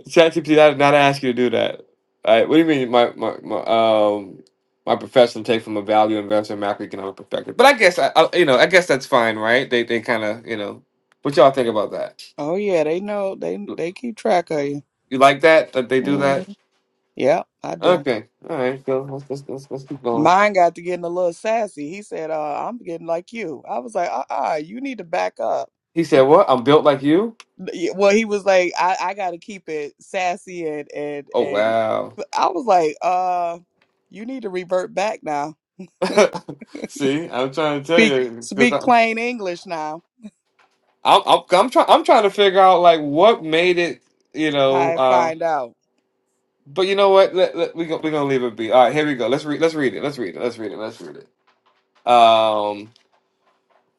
Speaker 1: ChatGPT not not ask you to do that. All right, what do you mean? My my, my um my professional take from a value investor and macroeconomic perspective. But I guess I, I you know I guess that's fine, right? They they kind of you know what y'all think about that.
Speaker 3: Oh yeah, they know they
Speaker 1: You
Speaker 3: they keep track of you.
Speaker 1: you like that that they do that?
Speaker 3: Mm-hmm. Yep, I do.
Speaker 1: Okay, all right, go. Let's let's let's, let's keep going.
Speaker 3: Mine got to getting a little sassy. He said, uh, "I'm getting like you." I was like, "Uh-uh, you need to back up."
Speaker 1: He said, "What? I'm built like you."
Speaker 3: Yeah, Well, he was like, "I I got to keep it sassy and and
Speaker 1: Oh
Speaker 3: and."
Speaker 1: wow.
Speaker 3: I was like, "Uh, you need to revert back now.
Speaker 1: [laughs]
Speaker 3: [laughs]
Speaker 1: See, I'm trying to tell
Speaker 3: Speak
Speaker 1: you because
Speaker 3: speak
Speaker 1: I'm
Speaker 3: plain English now."
Speaker 1: I'm I'm trying I'm trying to figure out like what made it. You know.
Speaker 3: I
Speaker 1: uh,
Speaker 3: find out
Speaker 1: But you know what? Let, let, we go, we're gonna leave it be. All right, here we go. Let's read. Let's read it. Let's read it. Let's read it. Let's read it. Um,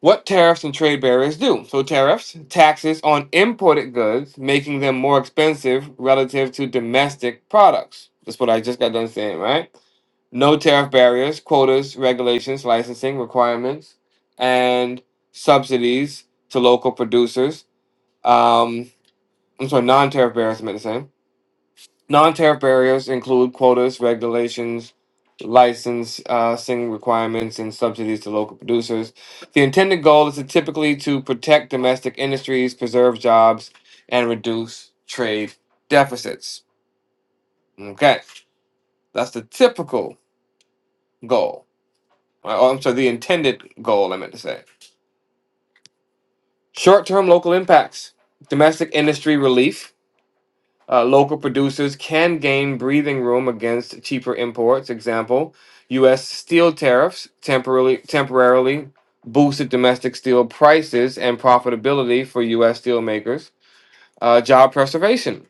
Speaker 1: what tariffs and trade barriers do? So tariffs, taxes on imported goods, making them more expensive relative to domestic products. That's what I just got done saying, right? No tariff barriers, quotas, regulations, licensing requirements, and subsidies to local producers. Um, I'm sorry, non-tariff barriers. I meant to say. Non-tariff barriers include quotas, regulations, license, uh, sing requirements, and subsidies to local producers. The intended goal is to typically to protect domestic industries, preserve jobs, and reduce trade deficits. Okay, that's the typical goal. Uh, Oh, I'm sorry, the intended goal. I meant to say short-term local impacts, domestic industry relief Uh, local producers can gain breathing room against cheaper imports. Example: U.S. steel tariffs temporarily temporarily boosted domestic steel prices and profitability for U.S. steelmakers. Uh, job preservation: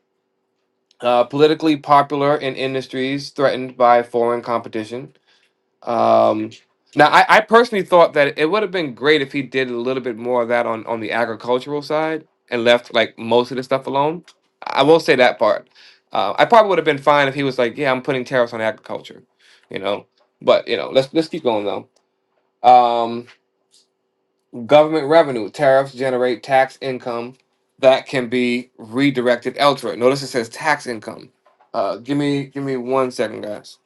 Speaker 1: uh, politically popular in industries threatened by foreign competition. Um, now, I, I personally thought that it would have been great if he did a little bit more of that on, on the agricultural side and left like most of the stuff alone. I will say that part. Uh, I probably would have been fine if he was like, "Yeah, I'm putting tariffs on agriculture," you know. But you know, let's let's keep going though. Um, government revenue tariffs generate tax income that can be redirected elsewhere. Notice it says tax income. Uh, give me give me one second, guys.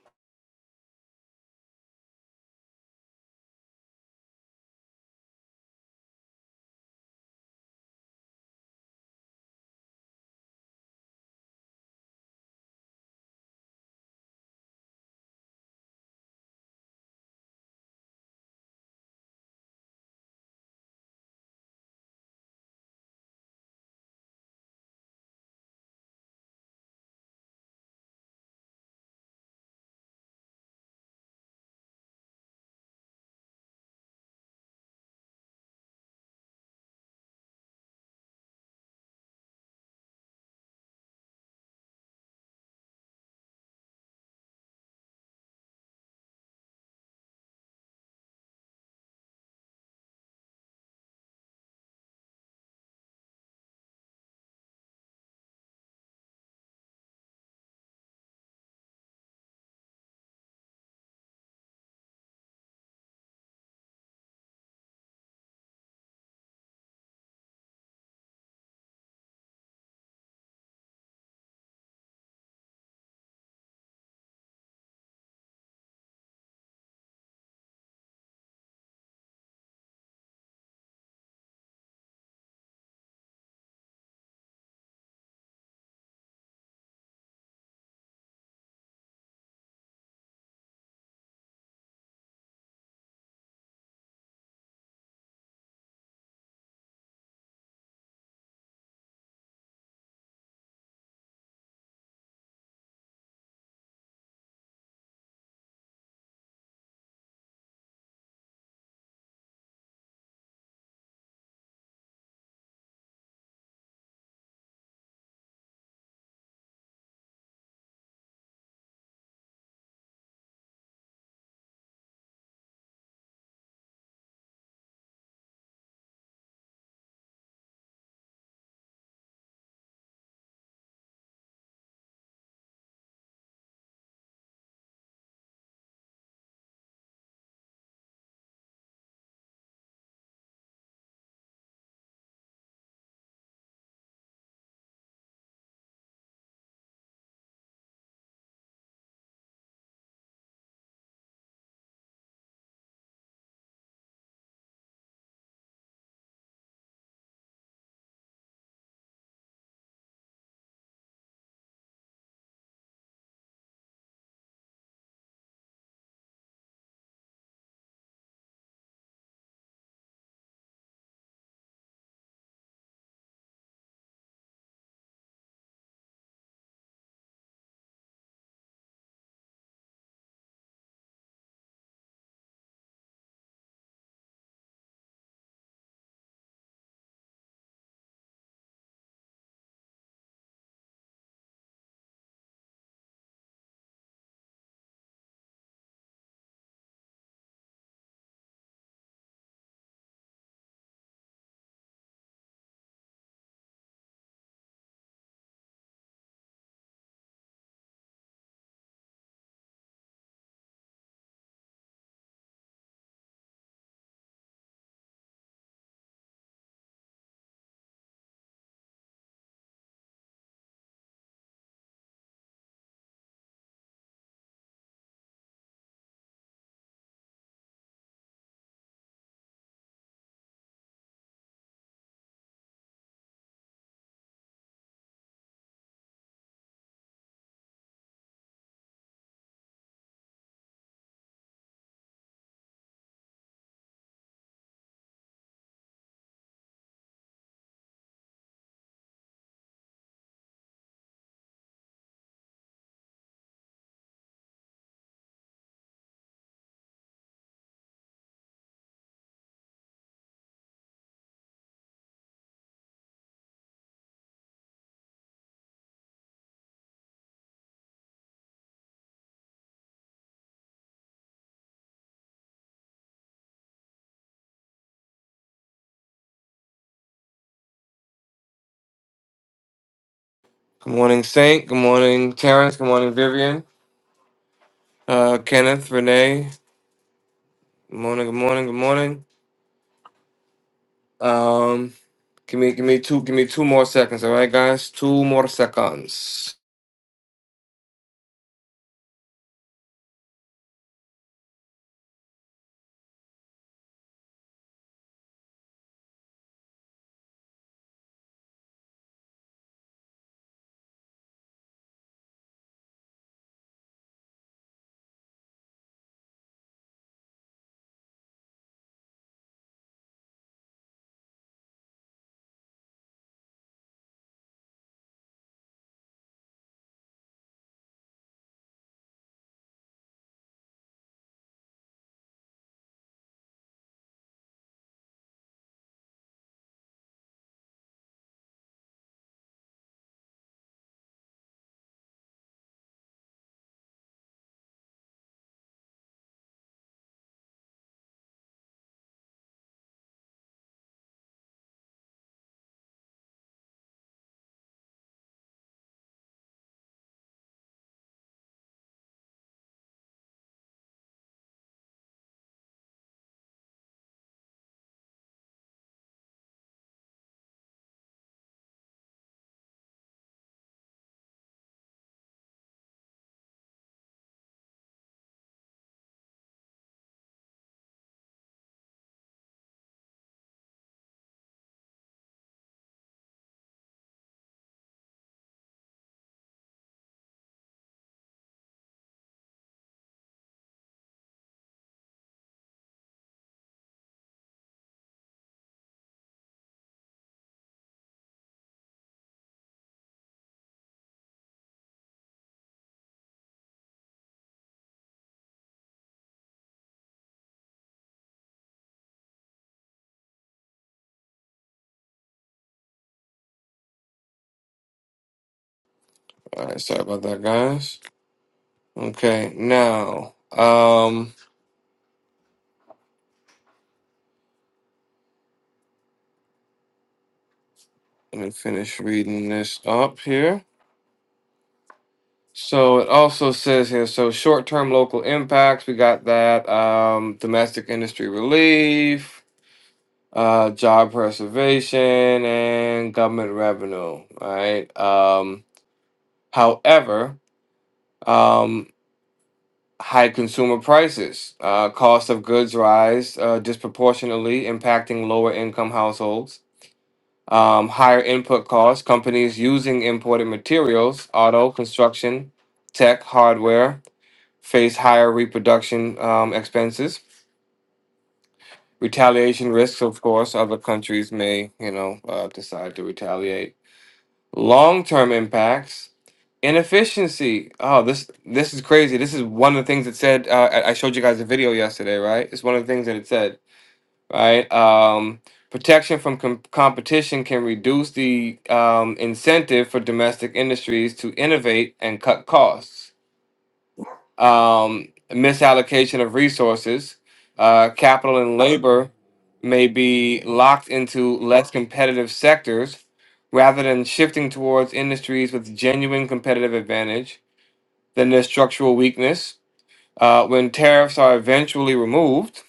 Speaker 1: Good morning, Saint. Good morning, Terrence. Good morning, Vivian. Uh, Kenneth, Renee, good morning, good morning, good morning. Um, give me, give me two, give me two more seconds. All right, guys, two more seconds. All right, sorry about that, guys. Okay, now, um, let me finish reading this up here. So it also says here, so short-term local impacts. We got that. Um, domestic industry relief. Uh, job preservation and government revenue, all right? Um, however, Um, high consumer prices, uh, cost of goods rise uh, disproportionately, impacting lower income households. Um, higher input costs, companies using imported materials, auto, construction, tech, hardware, face higher reproduction um, expenses. Retaliation risks, of course, other countries may, you know, uh, decide to retaliate Long-term impacts, inefficiency. Oh, this this is crazy. This is one of the things that said. Uh, I I showed you guys a video yesterday, right? It's one of the things that it said, right? Um, protection from com- competition can reduce the um, incentive for domestic industries to innovate and cut costs um, misallocation of resources, uh, capital and labor may be locked into less competitive sectors rather than shifting towards industries with genuine competitive advantage, then there's structural weakness. Uh, when tariffs are eventually removed,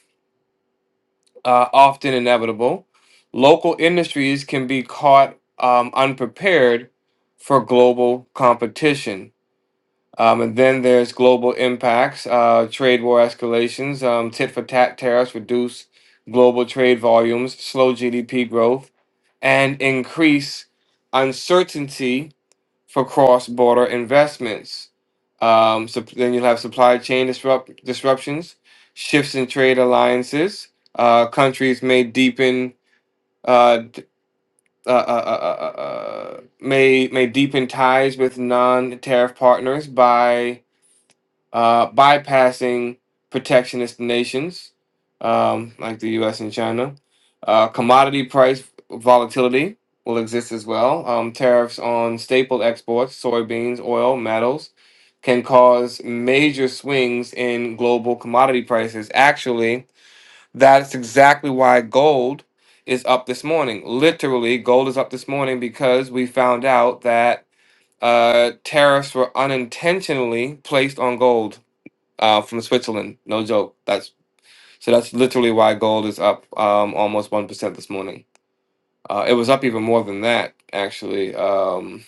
Speaker 1: uh, often inevitable, local industries can be caught um, unprepared for global competition um, and then there's global impacts, uh, trade war escalations, um, tit for tat tariffs reduce global trade volumes, slow GDP growth, and increase uncertainty for cross border investments. Um, so then you'll have supply chain disrupt- disruptions, shifts in trade alliances. Uh, countries may deepen uh, d- uh, uh, uh, uh, uh, uh, may may deepen ties with non-tariff partners by uh, bypassing protectionist nations um, like the U.S. and China. Uh, commodity price volatility will exist as well. Um, tariffs on staple exports, soybeans, oil, metals, can cause major swings in global commodity prices. Actually, that's exactly why gold is up this morning. Literally, gold is up this morning because we found out that uh, tariffs were unintentionally placed on gold uh, from Switzerland. No joke. That's so that's literally why gold is up um, almost one percent this morning. Uh, it was up even more than that actually. Um,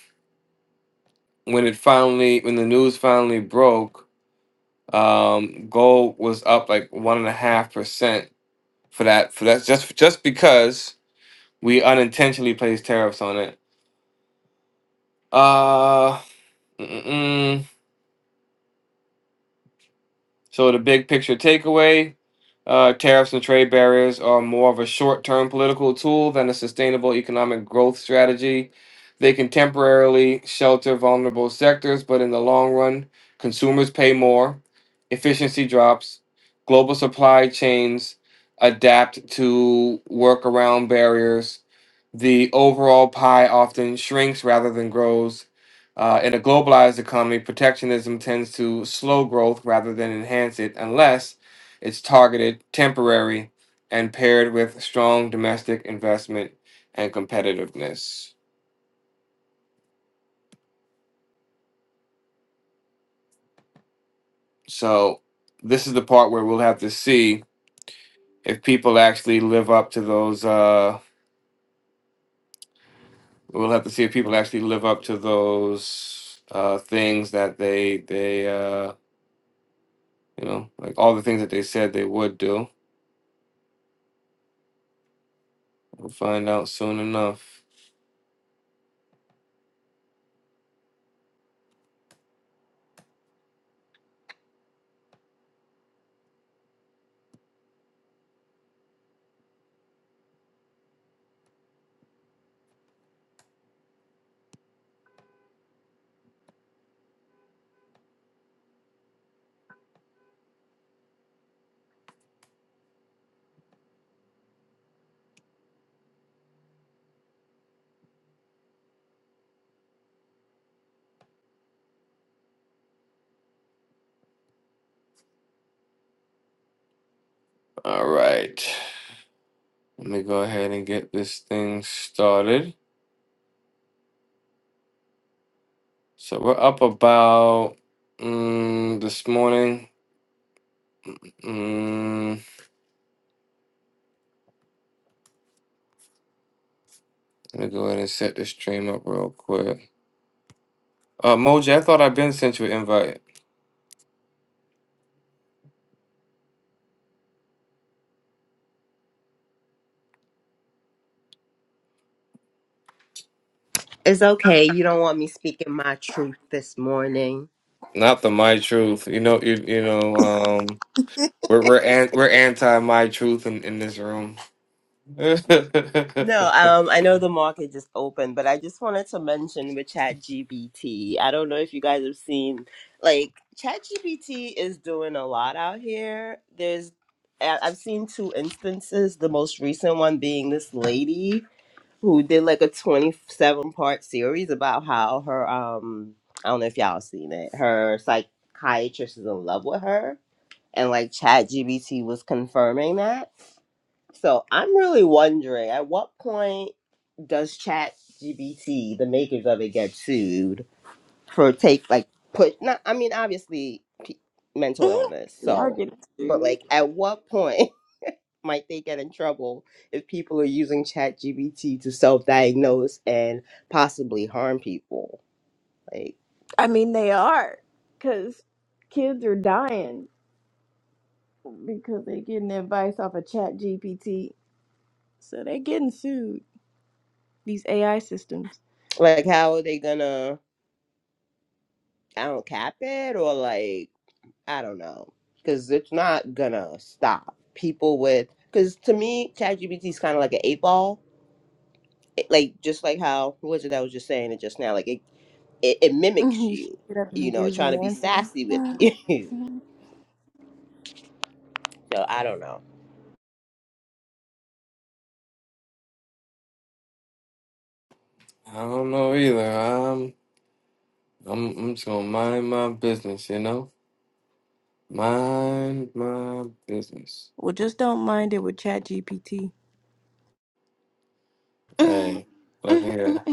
Speaker 1: when it finally, when the news finally broke, um, gold was up like one and a half percent for that. For that, just just because we unintentionally placed tariffs on it. Uh, mm-mm. So the big picture takeaway, uh, tariffs and trade barriers are more of a short-term political tool than a sustainable economic growth strategy. They can temporarily shelter vulnerable sectors, but in the long run, consumers pay more, efficiency drops, global supply chains adapt to work around barriers, the overall pie often shrinks rather than grows, uh, in a globalized economy, protectionism tends to slow growth rather than enhance it unless it's targeted, temporary, and paired with strong domestic investment and competitiveness. So, this is the part where we'll have to see if people actually live up to those. Uh, we'll have to see if people actually live up to those uh, things that they they uh, you know like all the things that they said they would do. We'll find out soon enough. All right. Let me go ahead and get this thing started. So we're up about mm, this morning. Mm, let me go ahead and set this stream up real quick. Uh, Moji, I thought I'd been sent you an invite.
Speaker 6: It's okay. You don't want me speaking my truth this morning.
Speaker 1: Not the My Truth. You know, you, you know, um, we're we're an, we're anti My Truth in, in this room. [laughs] I
Speaker 6: No, um, I know the market just opened, but I just wanted to mention with ChatGPT. I don't know if you guys have seen, like, ChatGPT is doing a lot out here. There's, I- I've seen two instances. The most recent one being this lady who did like a 27 part series about how her, um, I don't know if y'all seen it. Her psychiatrist is in love with her and like ChatGPT was confirming that so i'm really wondering at what point does ChatGPT, the makers of it get sued for take like put not i mean obviously p- mental illness
Speaker 5: Y'all
Speaker 6: so
Speaker 5: getting
Speaker 6: but
Speaker 5: sued.
Speaker 6: like at what point [laughs] might they get in trouble if people are using ChatGPT to self-diagnose and possibly harm people like
Speaker 5: I mean, they are because kids are dying because they're getting advice off of Chat GPT. So they're getting sued. These AI systems.
Speaker 6: like how are they gonna i don't cap it or like I don't know because it's not gonna stop people with because to me ChatGPT is kind of like an eight ball, It- like just like how who was it that was just saying it just now, like it it, it
Speaker 5: [laughs]
Speaker 6: mimics
Speaker 5: you should
Speaker 6: you,
Speaker 5: get up and
Speaker 6: you
Speaker 5: it
Speaker 6: know,
Speaker 5: gives you
Speaker 6: trying to
Speaker 5: an
Speaker 6: be sassy with [laughs]
Speaker 5: answer.
Speaker 6: you.
Speaker 5: [laughs]
Speaker 6: So I don't know.
Speaker 1: don't know either. I'm I'm I'm just gonna mind my business. You know, mind my business.
Speaker 5: well, just don't mind it with Chat GPT. [laughs]
Speaker 1: Hey, look here.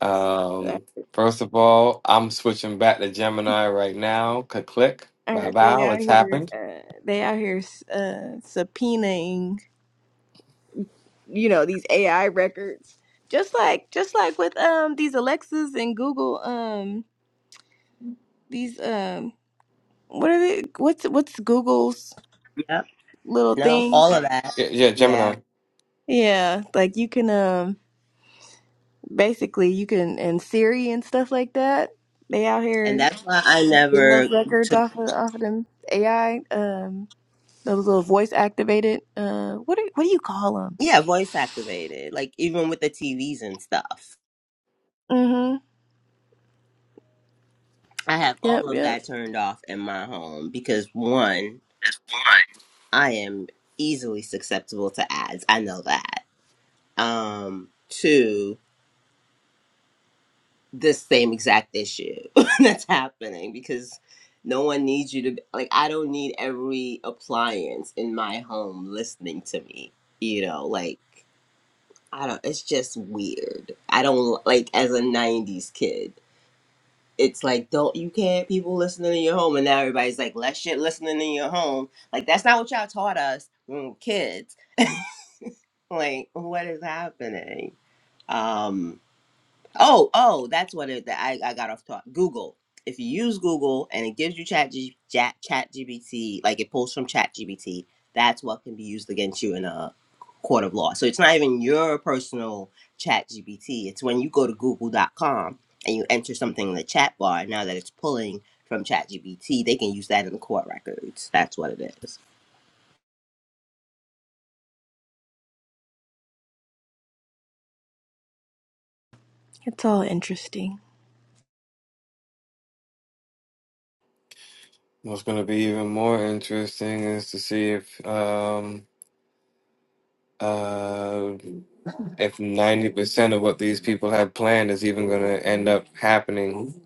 Speaker 1: Um, first of all, I'm switching back to Gemini right now. Click, click,
Speaker 5: I
Speaker 1: bow,
Speaker 5: heard they
Speaker 1: bow.
Speaker 5: out
Speaker 1: It's
Speaker 5: here,
Speaker 1: happened.
Speaker 5: uh, they out here uh, subpoenaing, you know, these AI records. Just like, just like with um these Alexas and Google um these um what are they what's what's Google's
Speaker 6: Yep.
Speaker 5: little
Speaker 6: No,
Speaker 5: thing?
Speaker 6: all of that.
Speaker 1: Yeah, yeah,
Speaker 6: Yeah.
Speaker 1: Gemini.
Speaker 5: Yeah, like you can um basically you can and Siri and stuff like that. They out
Speaker 6: And
Speaker 5: here
Speaker 6: that's why I
Speaker 5: getting those
Speaker 6: never
Speaker 5: records
Speaker 6: took
Speaker 5: off of off of them AI um those little voice activated uh what do, what do you call them?
Speaker 6: yeah, voice activated. Like even with the TVs and stuff.
Speaker 5: Mhm.
Speaker 6: I have
Speaker 5: Yep,
Speaker 6: all of
Speaker 5: yep.
Speaker 6: that turned off in my home because one,
Speaker 1: It's fine.
Speaker 6: I am easily susceptible to ads. I know that. Um, to this same exact issue [laughs] that's happening because no one needs you to be- like. I don't need every appliance in my home listening to me. You know, like I don't. It's just weird. I don't like as a '90s kid. It's like don't you can't people listening in your home, and now everybody's like less shit listening in your home. Like that's not what y'all taught us when we were kids like what is happening um oh oh that's what it i, I got off talk google if you use google and it gives you chat, G, chat chat gbt like it pulls from chat gbt that's what can be used against you in a court of law so it's not even your personal chat gbt it's when you go to google.com and you enter something in the chat bar now that it's pulling from chat gbt they can use that in the court records that's what it is
Speaker 5: It's all interesting.
Speaker 1: What's going to be even more interesting is to see if um uh if 90% of what these people had planned is even going to end up happening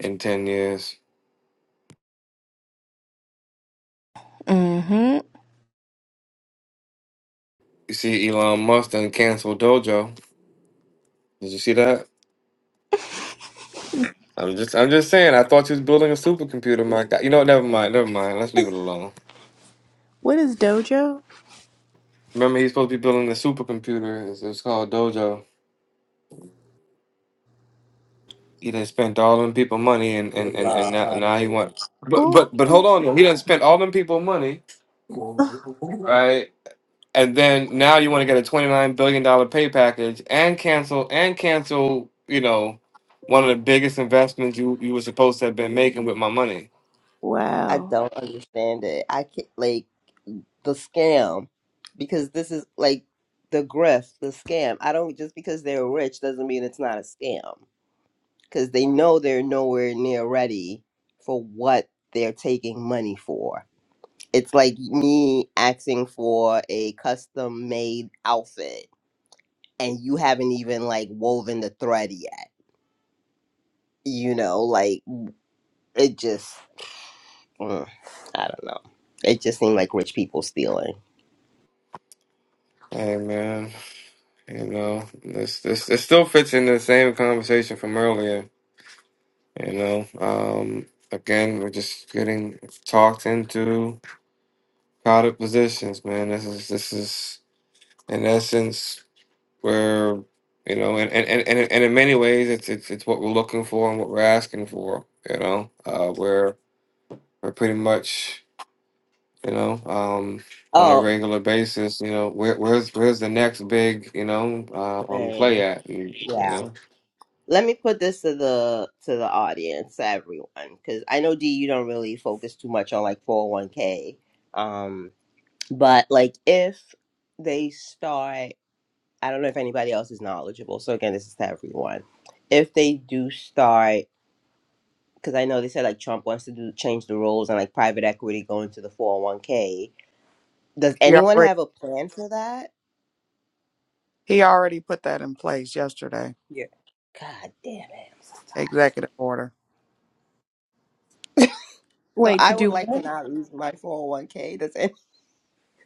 Speaker 1: in 10 years.
Speaker 5: Mhm.
Speaker 1: You see, Elon Musk done canceled Dojo. Did you see that? I'm just I'm just saying. I thought you was building a supercomputer, my guy. You know, what, never mind, never mind. Let's leave it alone.
Speaker 5: What is Dojo?
Speaker 1: Remember, he's supposed to be building a supercomputer. It's, it's called Dojo. He done spent all them people money, and and and and now,
Speaker 6: Uh,
Speaker 1: now he want. But
Speaker 5: Oh,
Speaker 1: but but hold on, though. he done spent all them people money,
Speaker 5: [sighs]
Speaker 1: right? And then now you want to get a twenty nine billion dollar pay package and cancel and cancel. You know, one of the biggest investments you you were supposed to have been making with my money.
Speaker 6: i
Speaker 5: wow.
Speaker 6: don't understand it i can't like the scam because this is like the grift, the scam. I don't just because they're rich doesn't mean it's not a scam because they know they're nowhere near ready for what they're taking money for. It's like me asking for a custom made outfit and you haven't even like woven the thread yet. You know, like it just, mm, I don't know. It just seemed like rich people stealing.
Speaker 1: Hey man. You know, this this this still fits into the same conversation from earlier. You know, um, again, we're just getting talked into crowded positions, man. This is this is in essence where you know, and and and, and and in many ways, it's it's it's what we're looking for and what we're asking for. You know, uh, where we're pretty much you know um, on a
Speaker 6: Oh,
Speaker 1: regular basis. You know, where, where's where's the next big you know uh, um play
Speaker 6: dang.
Speaker 1: at? And, you
Speaker 6: yeah.
Speaker 1: know.
Speaker 6: let me put this to the to the audience to everyone because i know d you don't really focus too much on like 401k um but like if they start i don't know if anybody else is knowledgeable so again this is to everyone if they do start because i know they said like trump wants to do change the rules and like private equity going to the 401k does
Speaker 3: he
Speaker 6: anyone
Speaker 3: already
Speaker 6: have a plan for that
Speaker 3: he already put that in place yesterday.
Speaker 6: yeah god damn it I'm so tired.
Speaker 3: Executive order.
Speaker 6: so
Speaker 5: Wait, to
Speaker 6: i would
Speaker 5: do
Speaker 6: like to not lose my 401k does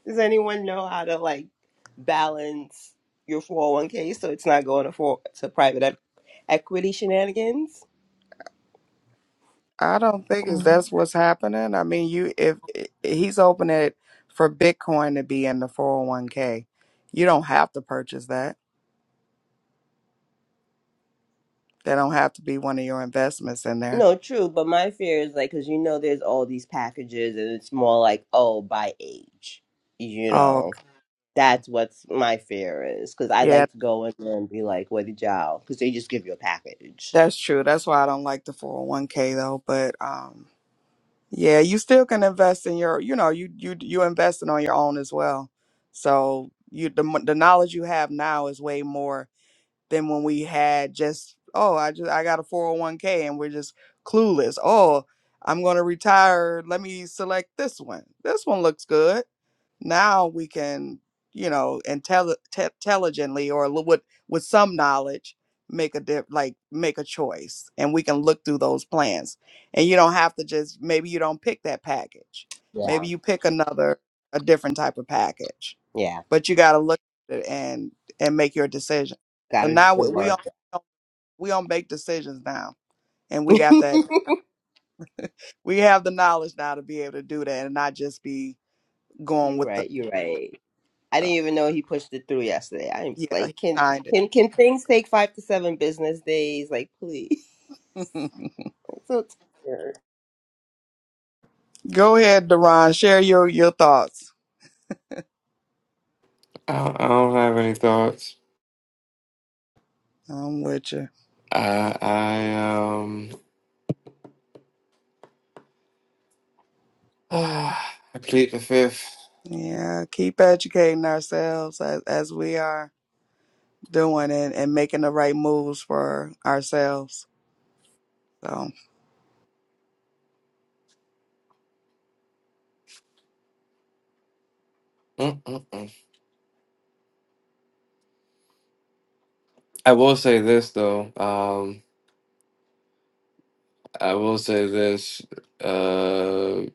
Speaker 6: Does anyone know how to like balance your 401k so it's not going to for to private e- equity shenanigans?
Speaker 3: I don't think is
Speaker 5: what?
Speaker 3: that's what's happening. I mean, you if i- he's open it for Bitcoin to be in the 401k, you don't have to purchase that. They don't have to be one of your investments in there.
Speaker 6: No, true, but my fear is like cuz you know there's all these packages and it's more like oh by age. You
Speaker 3: Oh,
Speaker 6: know.
Speaker 3: okay.
Speaker 6: That's what's my fear is cuz I
Speaker 3: yeah,
Speaker 6: like to go in there and be like what did y'all cuz they just give you a package.
Speaker 3: that's true. That's why I don't like the 401k though, but um yeah, you still can invest in your, you know, you you you investing on your own as well. So, you the mo- the knowledge you have now is way more than when we had just oh i just i got a 401k and we're just clueless oh i'm going to retire let me select this one this one looks good now we can you know intelli- te- intelligently or li- with with some knowledge make a dip like make a choice and we can look through those plans and you don't have to just maybe you don't pick that package
Speaker 6: Yeah.
Speaker 3: maybe you pick another a different type of package
Speaker 6: Yeah.
Speaker 3: but you got to look at it and and make your decision.
Speaker 6: Got
Speaker 3: So
Speaker 6: to do
Speaker 3: now
Speaker 6: the
Speaker 3: we we
Speaker 6: work.
Speaker 3: not we don't make decisions now, and we
Speaker 6: [laughs]
Speaker 3: got that we have the knowledge now to be able to do that and not just be going
Speaker 6: you are
Speaker 3: with the
Speaker 6: right, you are right. I
Speaker 3: so,
Speaker 6: didn't even know he pushed it through yesterday. I'm just
Speaker 3: yeah
Speaker 6: like,
Speaker 3: he
Speaker 6: can
Speaker 3: signed it.
Speaker 6: can can things take five to seven business days? Like, please.
Speaker 3: [laughs]
Speaker 6: [laughs] I'm so tired.
Speaker 3: Go ahead, Deron, share your your thoughts.
Speaker 1: I, don't, I don't have any thoughts.
Speaker 3: I'm with you.
Speaker 1: I I um [sighs] I plead the fifth.
Speaker 3: Yeah, keep educating ourselves as as we are doing and and making the right moves for ourselves. So
Speaker 1: Mm-mm-mm. I will say this though. Um, I will say this. Uh,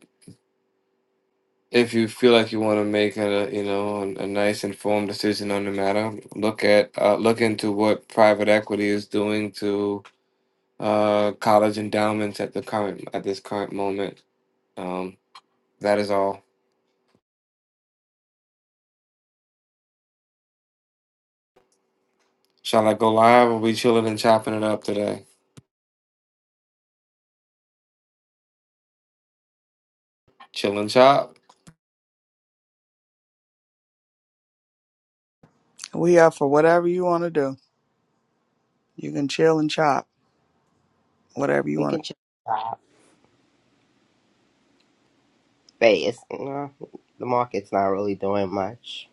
Speaker 1: if you feel like you want to make a you know a, a nice informed decision on the matter, look at uh, look into what private equity is doing to uh college endowments at the current at this current moment. Um, that is all. Shall I go live? Or we chilling and chopping it up today? Chill and chop.
Speaker 3: we are for whatever you want to do. You can chill and chop whatever you
Speaker 6: We
Speaker 3: want to.
Speaker 6: can check out face. No, the market's not really doing much,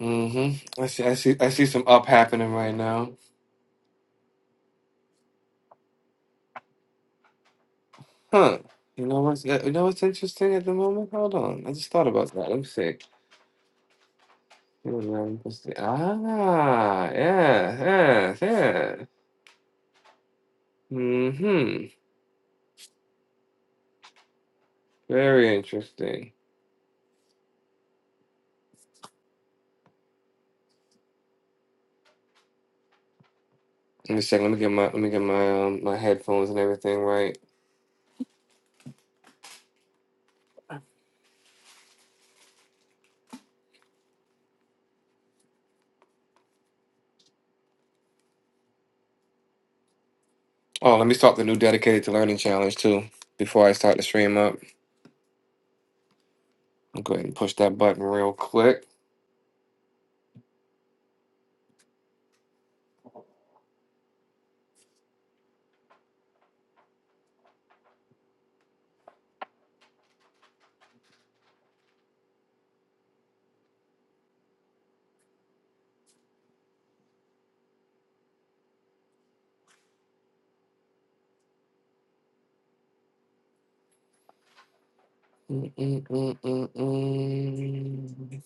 Speaker 1: Mm-hmm. I see. I see. I see some up happening right now. Huh. You know what's uh, you know what's interesting at the moment? Hold on. I just thought about that. Let me see. Hold on. Let's see. Ah, yeah, yeah, yeah. Mm-hmm. Very interesting. Let me check. Let me get my let me get my um, my headphones and everything right. Oh, let me start the new dedicated to learning challenge too. Before I start the stream up, I'll go ahead and push that button real quick. Mm-mm-mm-mm-mm.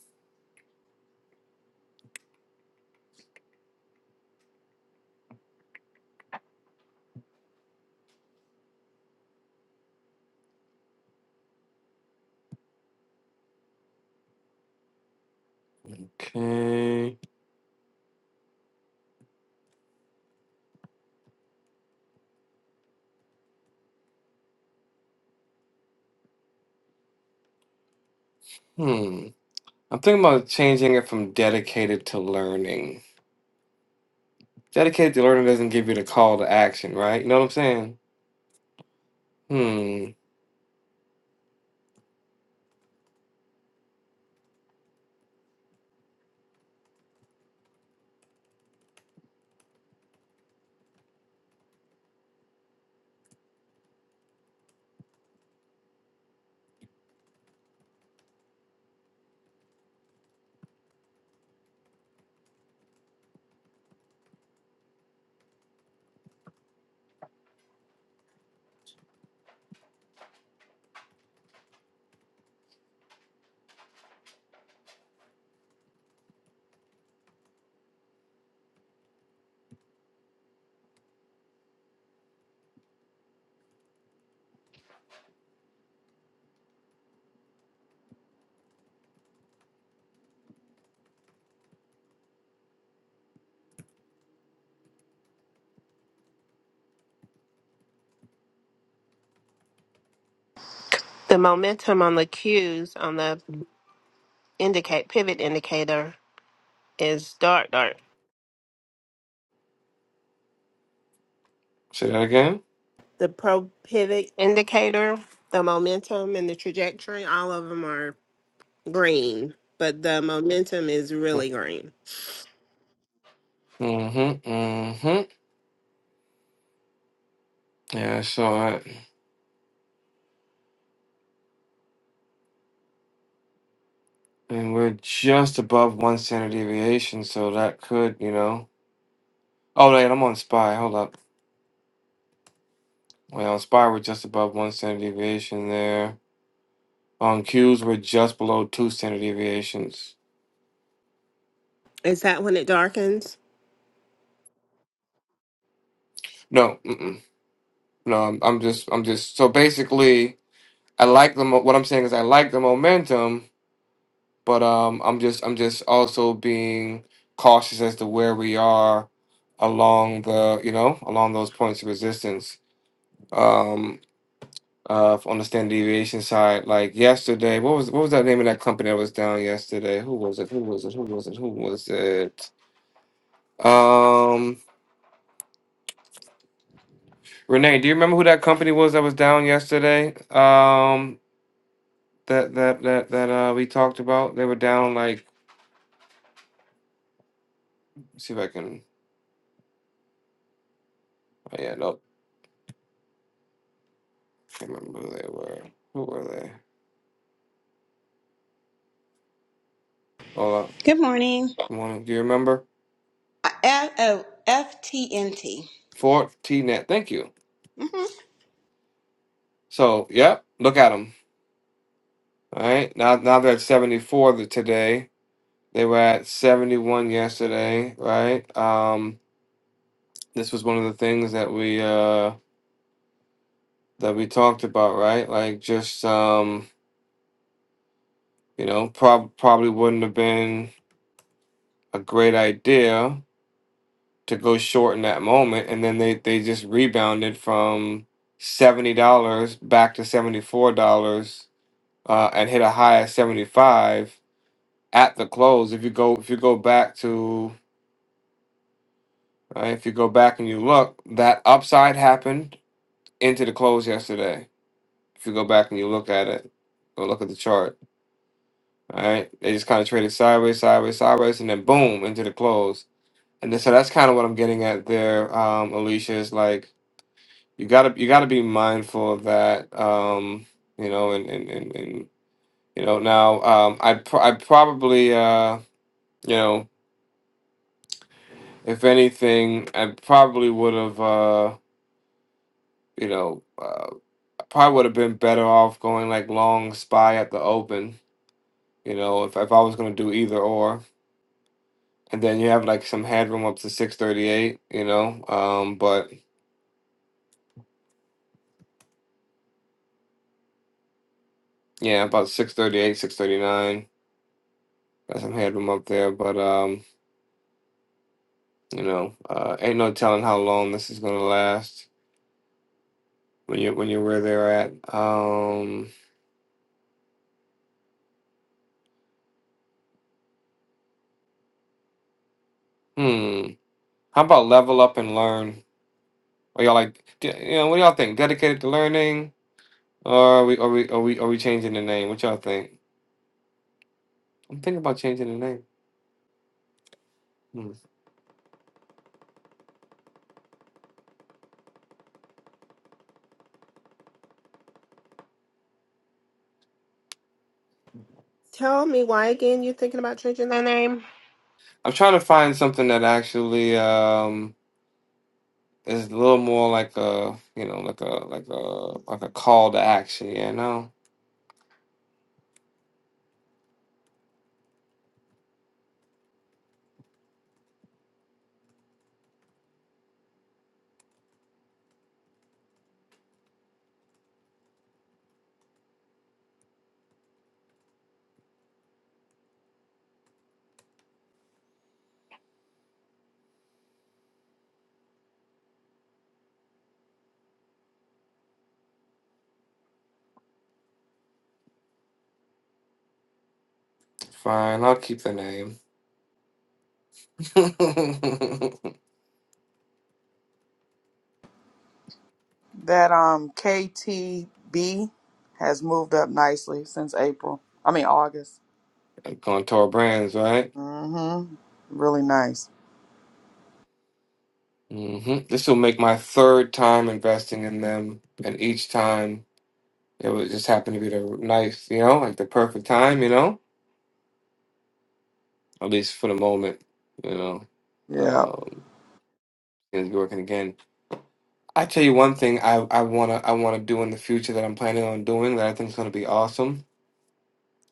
Speaker 1: Okay. Hmm. I'm thinking about changing it from dedicated to learning. Dedicated to learning doesn't give you the call to action, right? You know what I'm saying? Hmm.
Speaker 4: The momentum on the cues on the indicate pivot indicator is dark, dark.
Speaker 1: Say that again?
Speaker 4: The pro pivot indicator, the momentum and the trajectory, all of them are green, but the momentum is really green.
Speaker 1: Mm-hmm. Mm-hmm. Yeah, I saw it. And we're just above one standard deviation, so that could, you know. Oh, wait, I'm on SPY. Hold up. Wait, on SPY, we're just above one standard deviation there. On Qs, we're just below two standard deviations.
Speaker 4: Is that when it darkens?
Speaker 1: No, mm-mm. No, I'm, I'm just, I'm just, so basically. I like the mo- what I'm saying is I like the momentum, but um, I'm just I'm just also being cautious as to where we are along the you know along those points of resistance. Um, uh, on the standard deviation side, like yesterday, what was what was that name of that company that was down yesterday? Who was it? Who was it? Who was it? Who was it? Um, Renee, do you remember who that company was that was down yesterday? Um, that that that that uh we talked about. They were down like. let's See if I can. Oh yeah, nope. Can't remember who they were. Who were they? Hold
Speaker 7: Good morning.
Speaker 1: on. One, do you remember?
Speaker 7: Uh, F- oh, FTNT.
Speaker 1: Fort T net. Thank you.
Speaker 7: Mhm.
Speaker 1: So, yep. Look at them. All right. Now, now they're at seventy four the, today. They were at seventy one yesterday. Right. Um. This was one of the things that we uh that we talked about. Right. Like just um. You know, prob- probably wouldn't have been a great idea to go short in that moment, and then they they just rebounded from seventy dollars back to seventy four dollars, uh, and hit a high of seventy five at the close. If you go if you go back to uh, if you go back and you look, that upside happened into the close yesterday. If you go back and you look at it, or look at the chart. All right, they just kind of traded sideways, sideways, sideways, and then boom into the close. And then, so that's kind of what I'm getting at there, um, Alicia. Is like you gotta you gotta be mindful of that um you know and and and, and you know now um i pr- i probably uh you know if anything i probably would have uh you know uh, I probably would have been better off going like long spy at the open you know if, if i was going to do either or and then you have like some headroom up to 638 you know um but yeah about 638 639 got some headroom up there but um. You know, uh, ain't no telling how long this is gonna last when you when you're where they're at. Um, hmm. How about level up and learn? Are y'all like, d- you know, what do y'all think? Dedicated to learning, or are we are we are we are we changing the name? What y'all think? I'm thinking about changing the name. Hmm.
Speaker 4: Tell me why again you're thinking about changing the name?
Speaker 1: I'm trying to find something that actually um is a little more like a you know like a like a like a call to action. You know, fine. I'll keep the name. [laughs]
Speaker 3: That um KTB has moved up nicely since April. I mean August.
Speaker 1: Going to our brands, right?
Speaker 3: Mm-hmm. Really nice.
Speaker 1: hmm This will make my third time investing in them, and each time it was just happened to be the nice, you know, like the perfect time, you know, at least for the moment, you know.
Speaker 3: Yeah.
Speaker 1: Um, it's working again. I tell you one thing I, I wanna I wanna do in the future that I'm planning on doing that I think is gonna be awesome.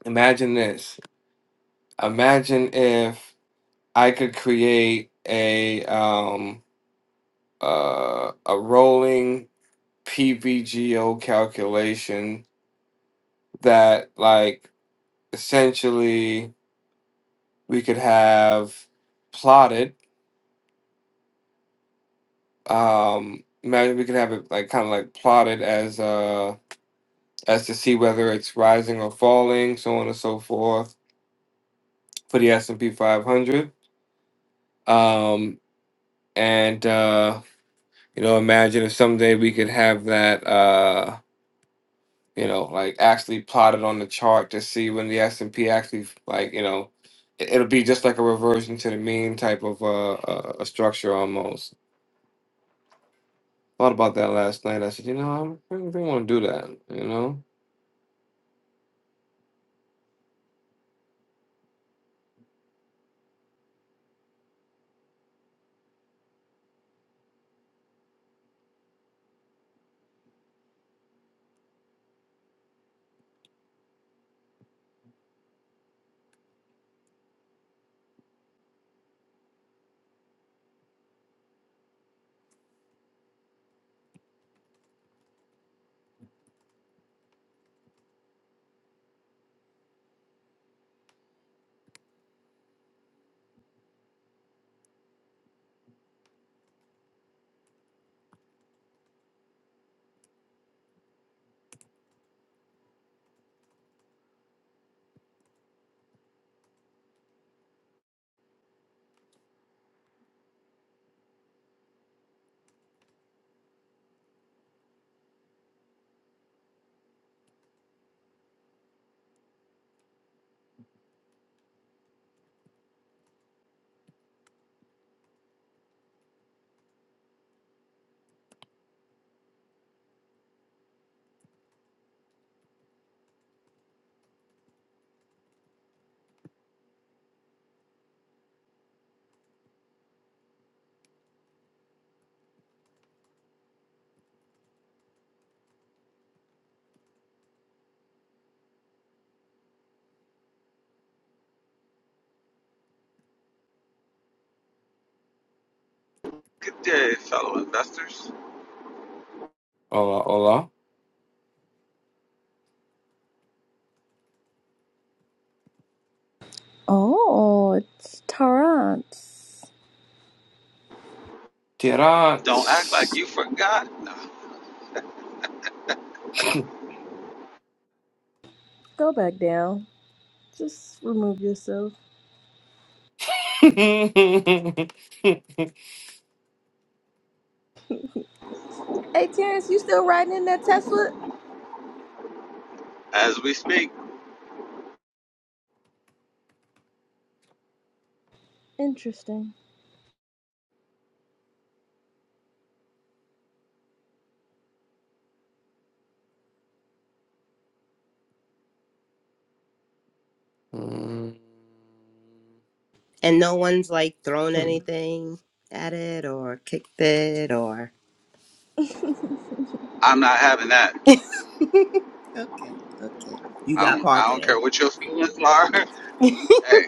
Speaker 1: Imagine this. Imagine if I could create a um uh a rolling PVGO calculation that like essentially we could have plotted um imagine we could have it like kind of like plotted as uh as to see whether it's rising or falling so on and so forth for the s&p 500 um and uh you know imagine if someday we could have that uh you know like actually plotted on the chart to see when the s&p actually like you know it- it'll be just like a reversion to the mean type of uh, uh a structure almost thought about that last night. I said, you know, I don't really, really want to do that. You know,
Speaker 8: Good day, fellow investors.
Speaker 1: hola, hola,
Speaker 5: Oh, it's Torrance.
Speaker 8: Don't act like
Speaker 1: tirats.
Speaker 8: you forgot.
Speaker 5: Go back down. Just remove yourself.
Speaker 1: [laughs]
Speaker 5: Hey, Terrence, you still riding in that Tesla?
Speaker 8: As we speak,
Speaker 5: Interesting.
Speaker 1: Mm.
Speaker 6: and no one's like thrown anything at it or kicked it or.
Speaker 5: [laughs] yeah,
Speaker 8: I'm not having that.
Speaker 6: [laughs] okay, okay. You
Speaker 8: I
Speaker 6: got
Speaker 8: don't. I don't care
Speaker 6: parking.
Speaker 8: what your feelings are. [laughs]
Speaker 6: [laughs]
Speaker 8: hey,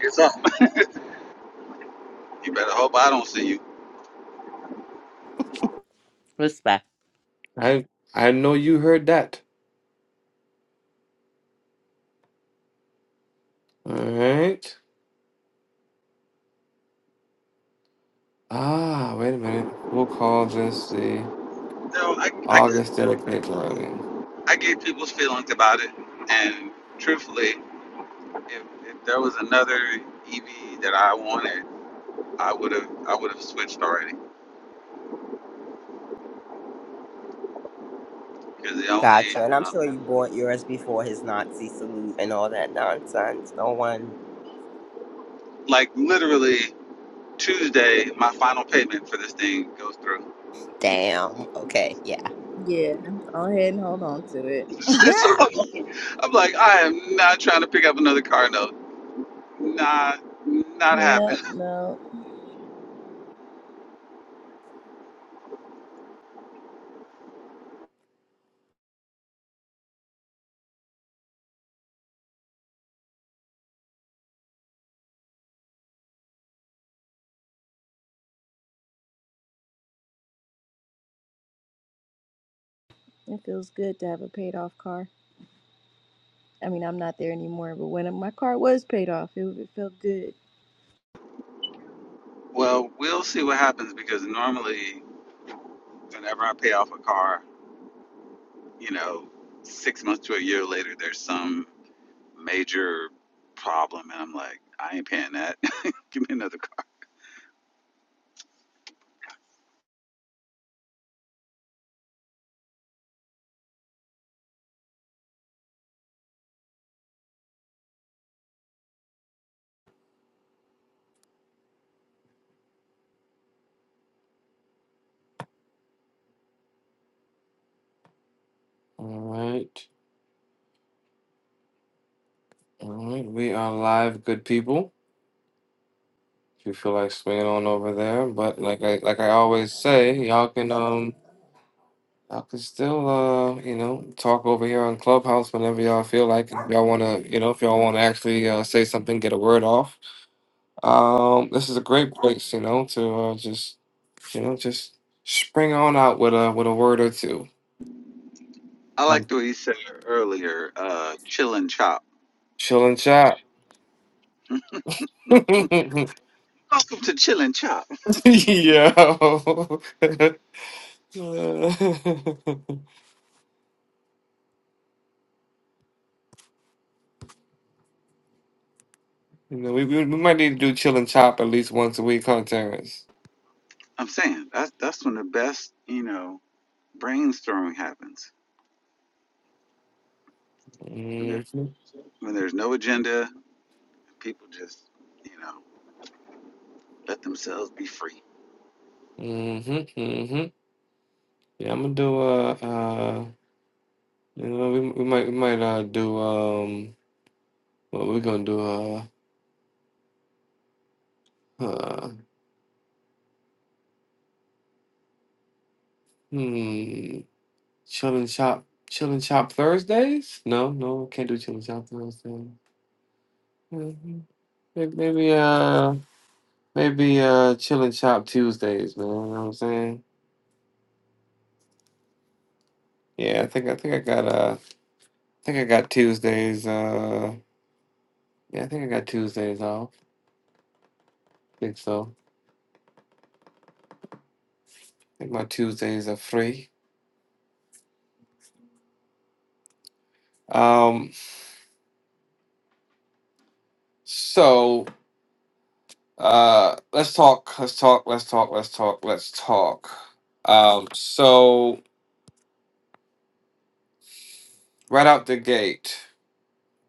Speaker 8: it's up. You better hope I don't see you.
Speaker 6: Respect.
Speaker 1: I I know you heard that. All right. Ah, wait a minute. We'll call this the
Speaker 8: No, I, I,
Speaker 1: August dedicated darling.
Speaker 8: I get people's feelings about it, and truthfully, if, if there was another EV that I wanted, I would have. I would have switched already. Because the only,
Speaker 6: Gotcha. And I'm
Speaker 8: uh,
Speaker 6: sure you bought yours before his Nazi salute and all that nonsense. No one.
Speaker 8: like, literally Tuesday, my final payment for this thing goes through.
Speaker 6: Damn. Okay. Yeah.
Speaker 5: go ahead and hold on to it. [laughs]
Speaker 8: [laughs] so I'm like, I'm like, I am not trying to pick up another car note. Not, not happening.
Speaker 5: yep,
Speaker 8: [laughs]
Speaker 5: no. It feels good to have a paid off car. I mean, I'm not there anymore, but when my car was paid off, it, it felt good.
Speaker 8: Well, we'll see what happens because normally, whenever I pay off a car, you know, six months to a year later, there's some major problem, and I'm like, I ain't paying that. [laughs] Give me another car.
Speaker 1: All right. All right. We are live, good people. If you feel like swinging on over there, but like I like I always say, y'all can um. I could still, uh, you know, talk over here on Clubhouse whenever y'all feel like it. y'all want to, you know, if y'all want to actually uh, say something, get a word off. Um, this is a great place, you know, to uh, just, you know, just spring on out with a with a word or two,
Speaker 8: I
Speaker 1: like
Speaker 8: like the way you said earlier, uh, chill and chop.
Speaker 1: chill and chat. [laughs]
Speaker 8: Welcome to chill and chop.
Speaker 1: Yo. [laughs] you know, we, we we might need to do chill and chop at least once a week, huh, Terrence?
Speaker 8: I'm saying that's that's when the best, you know, brainstorming happens when there
Speaker 1: Mm-hmm.
Speaker 8: when there's no agenda People just, you know, let themselves be free.
Speaker 1: Mm-hmm. Mm-hmm. Yeah, I'm gonna do. Uh, uh You know, we we might we might uh do um well we're gonna do uh uh hmm chill and shop chill and shop Thursdays? No, no, can't do chill and shop Thursdays. Mhm. May- Maybe uh maybe uh chill and shop Tuesdays, man. You know what I'm saying? Yeah, I think I think I got uh I think I got Tuesdays uh yeah I think I got Tuesdays off. I think so. I think my Tuesdays are free. Um, so. Uh, let's talk. Let's talk. Let's talk. Let's talk. Let's talk. Um, so right out the gate,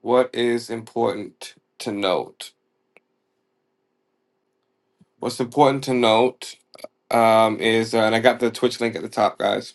Speaker 1: what is important to note? What's important to note um, is, uh, and I got the Twitch link at the top, guys.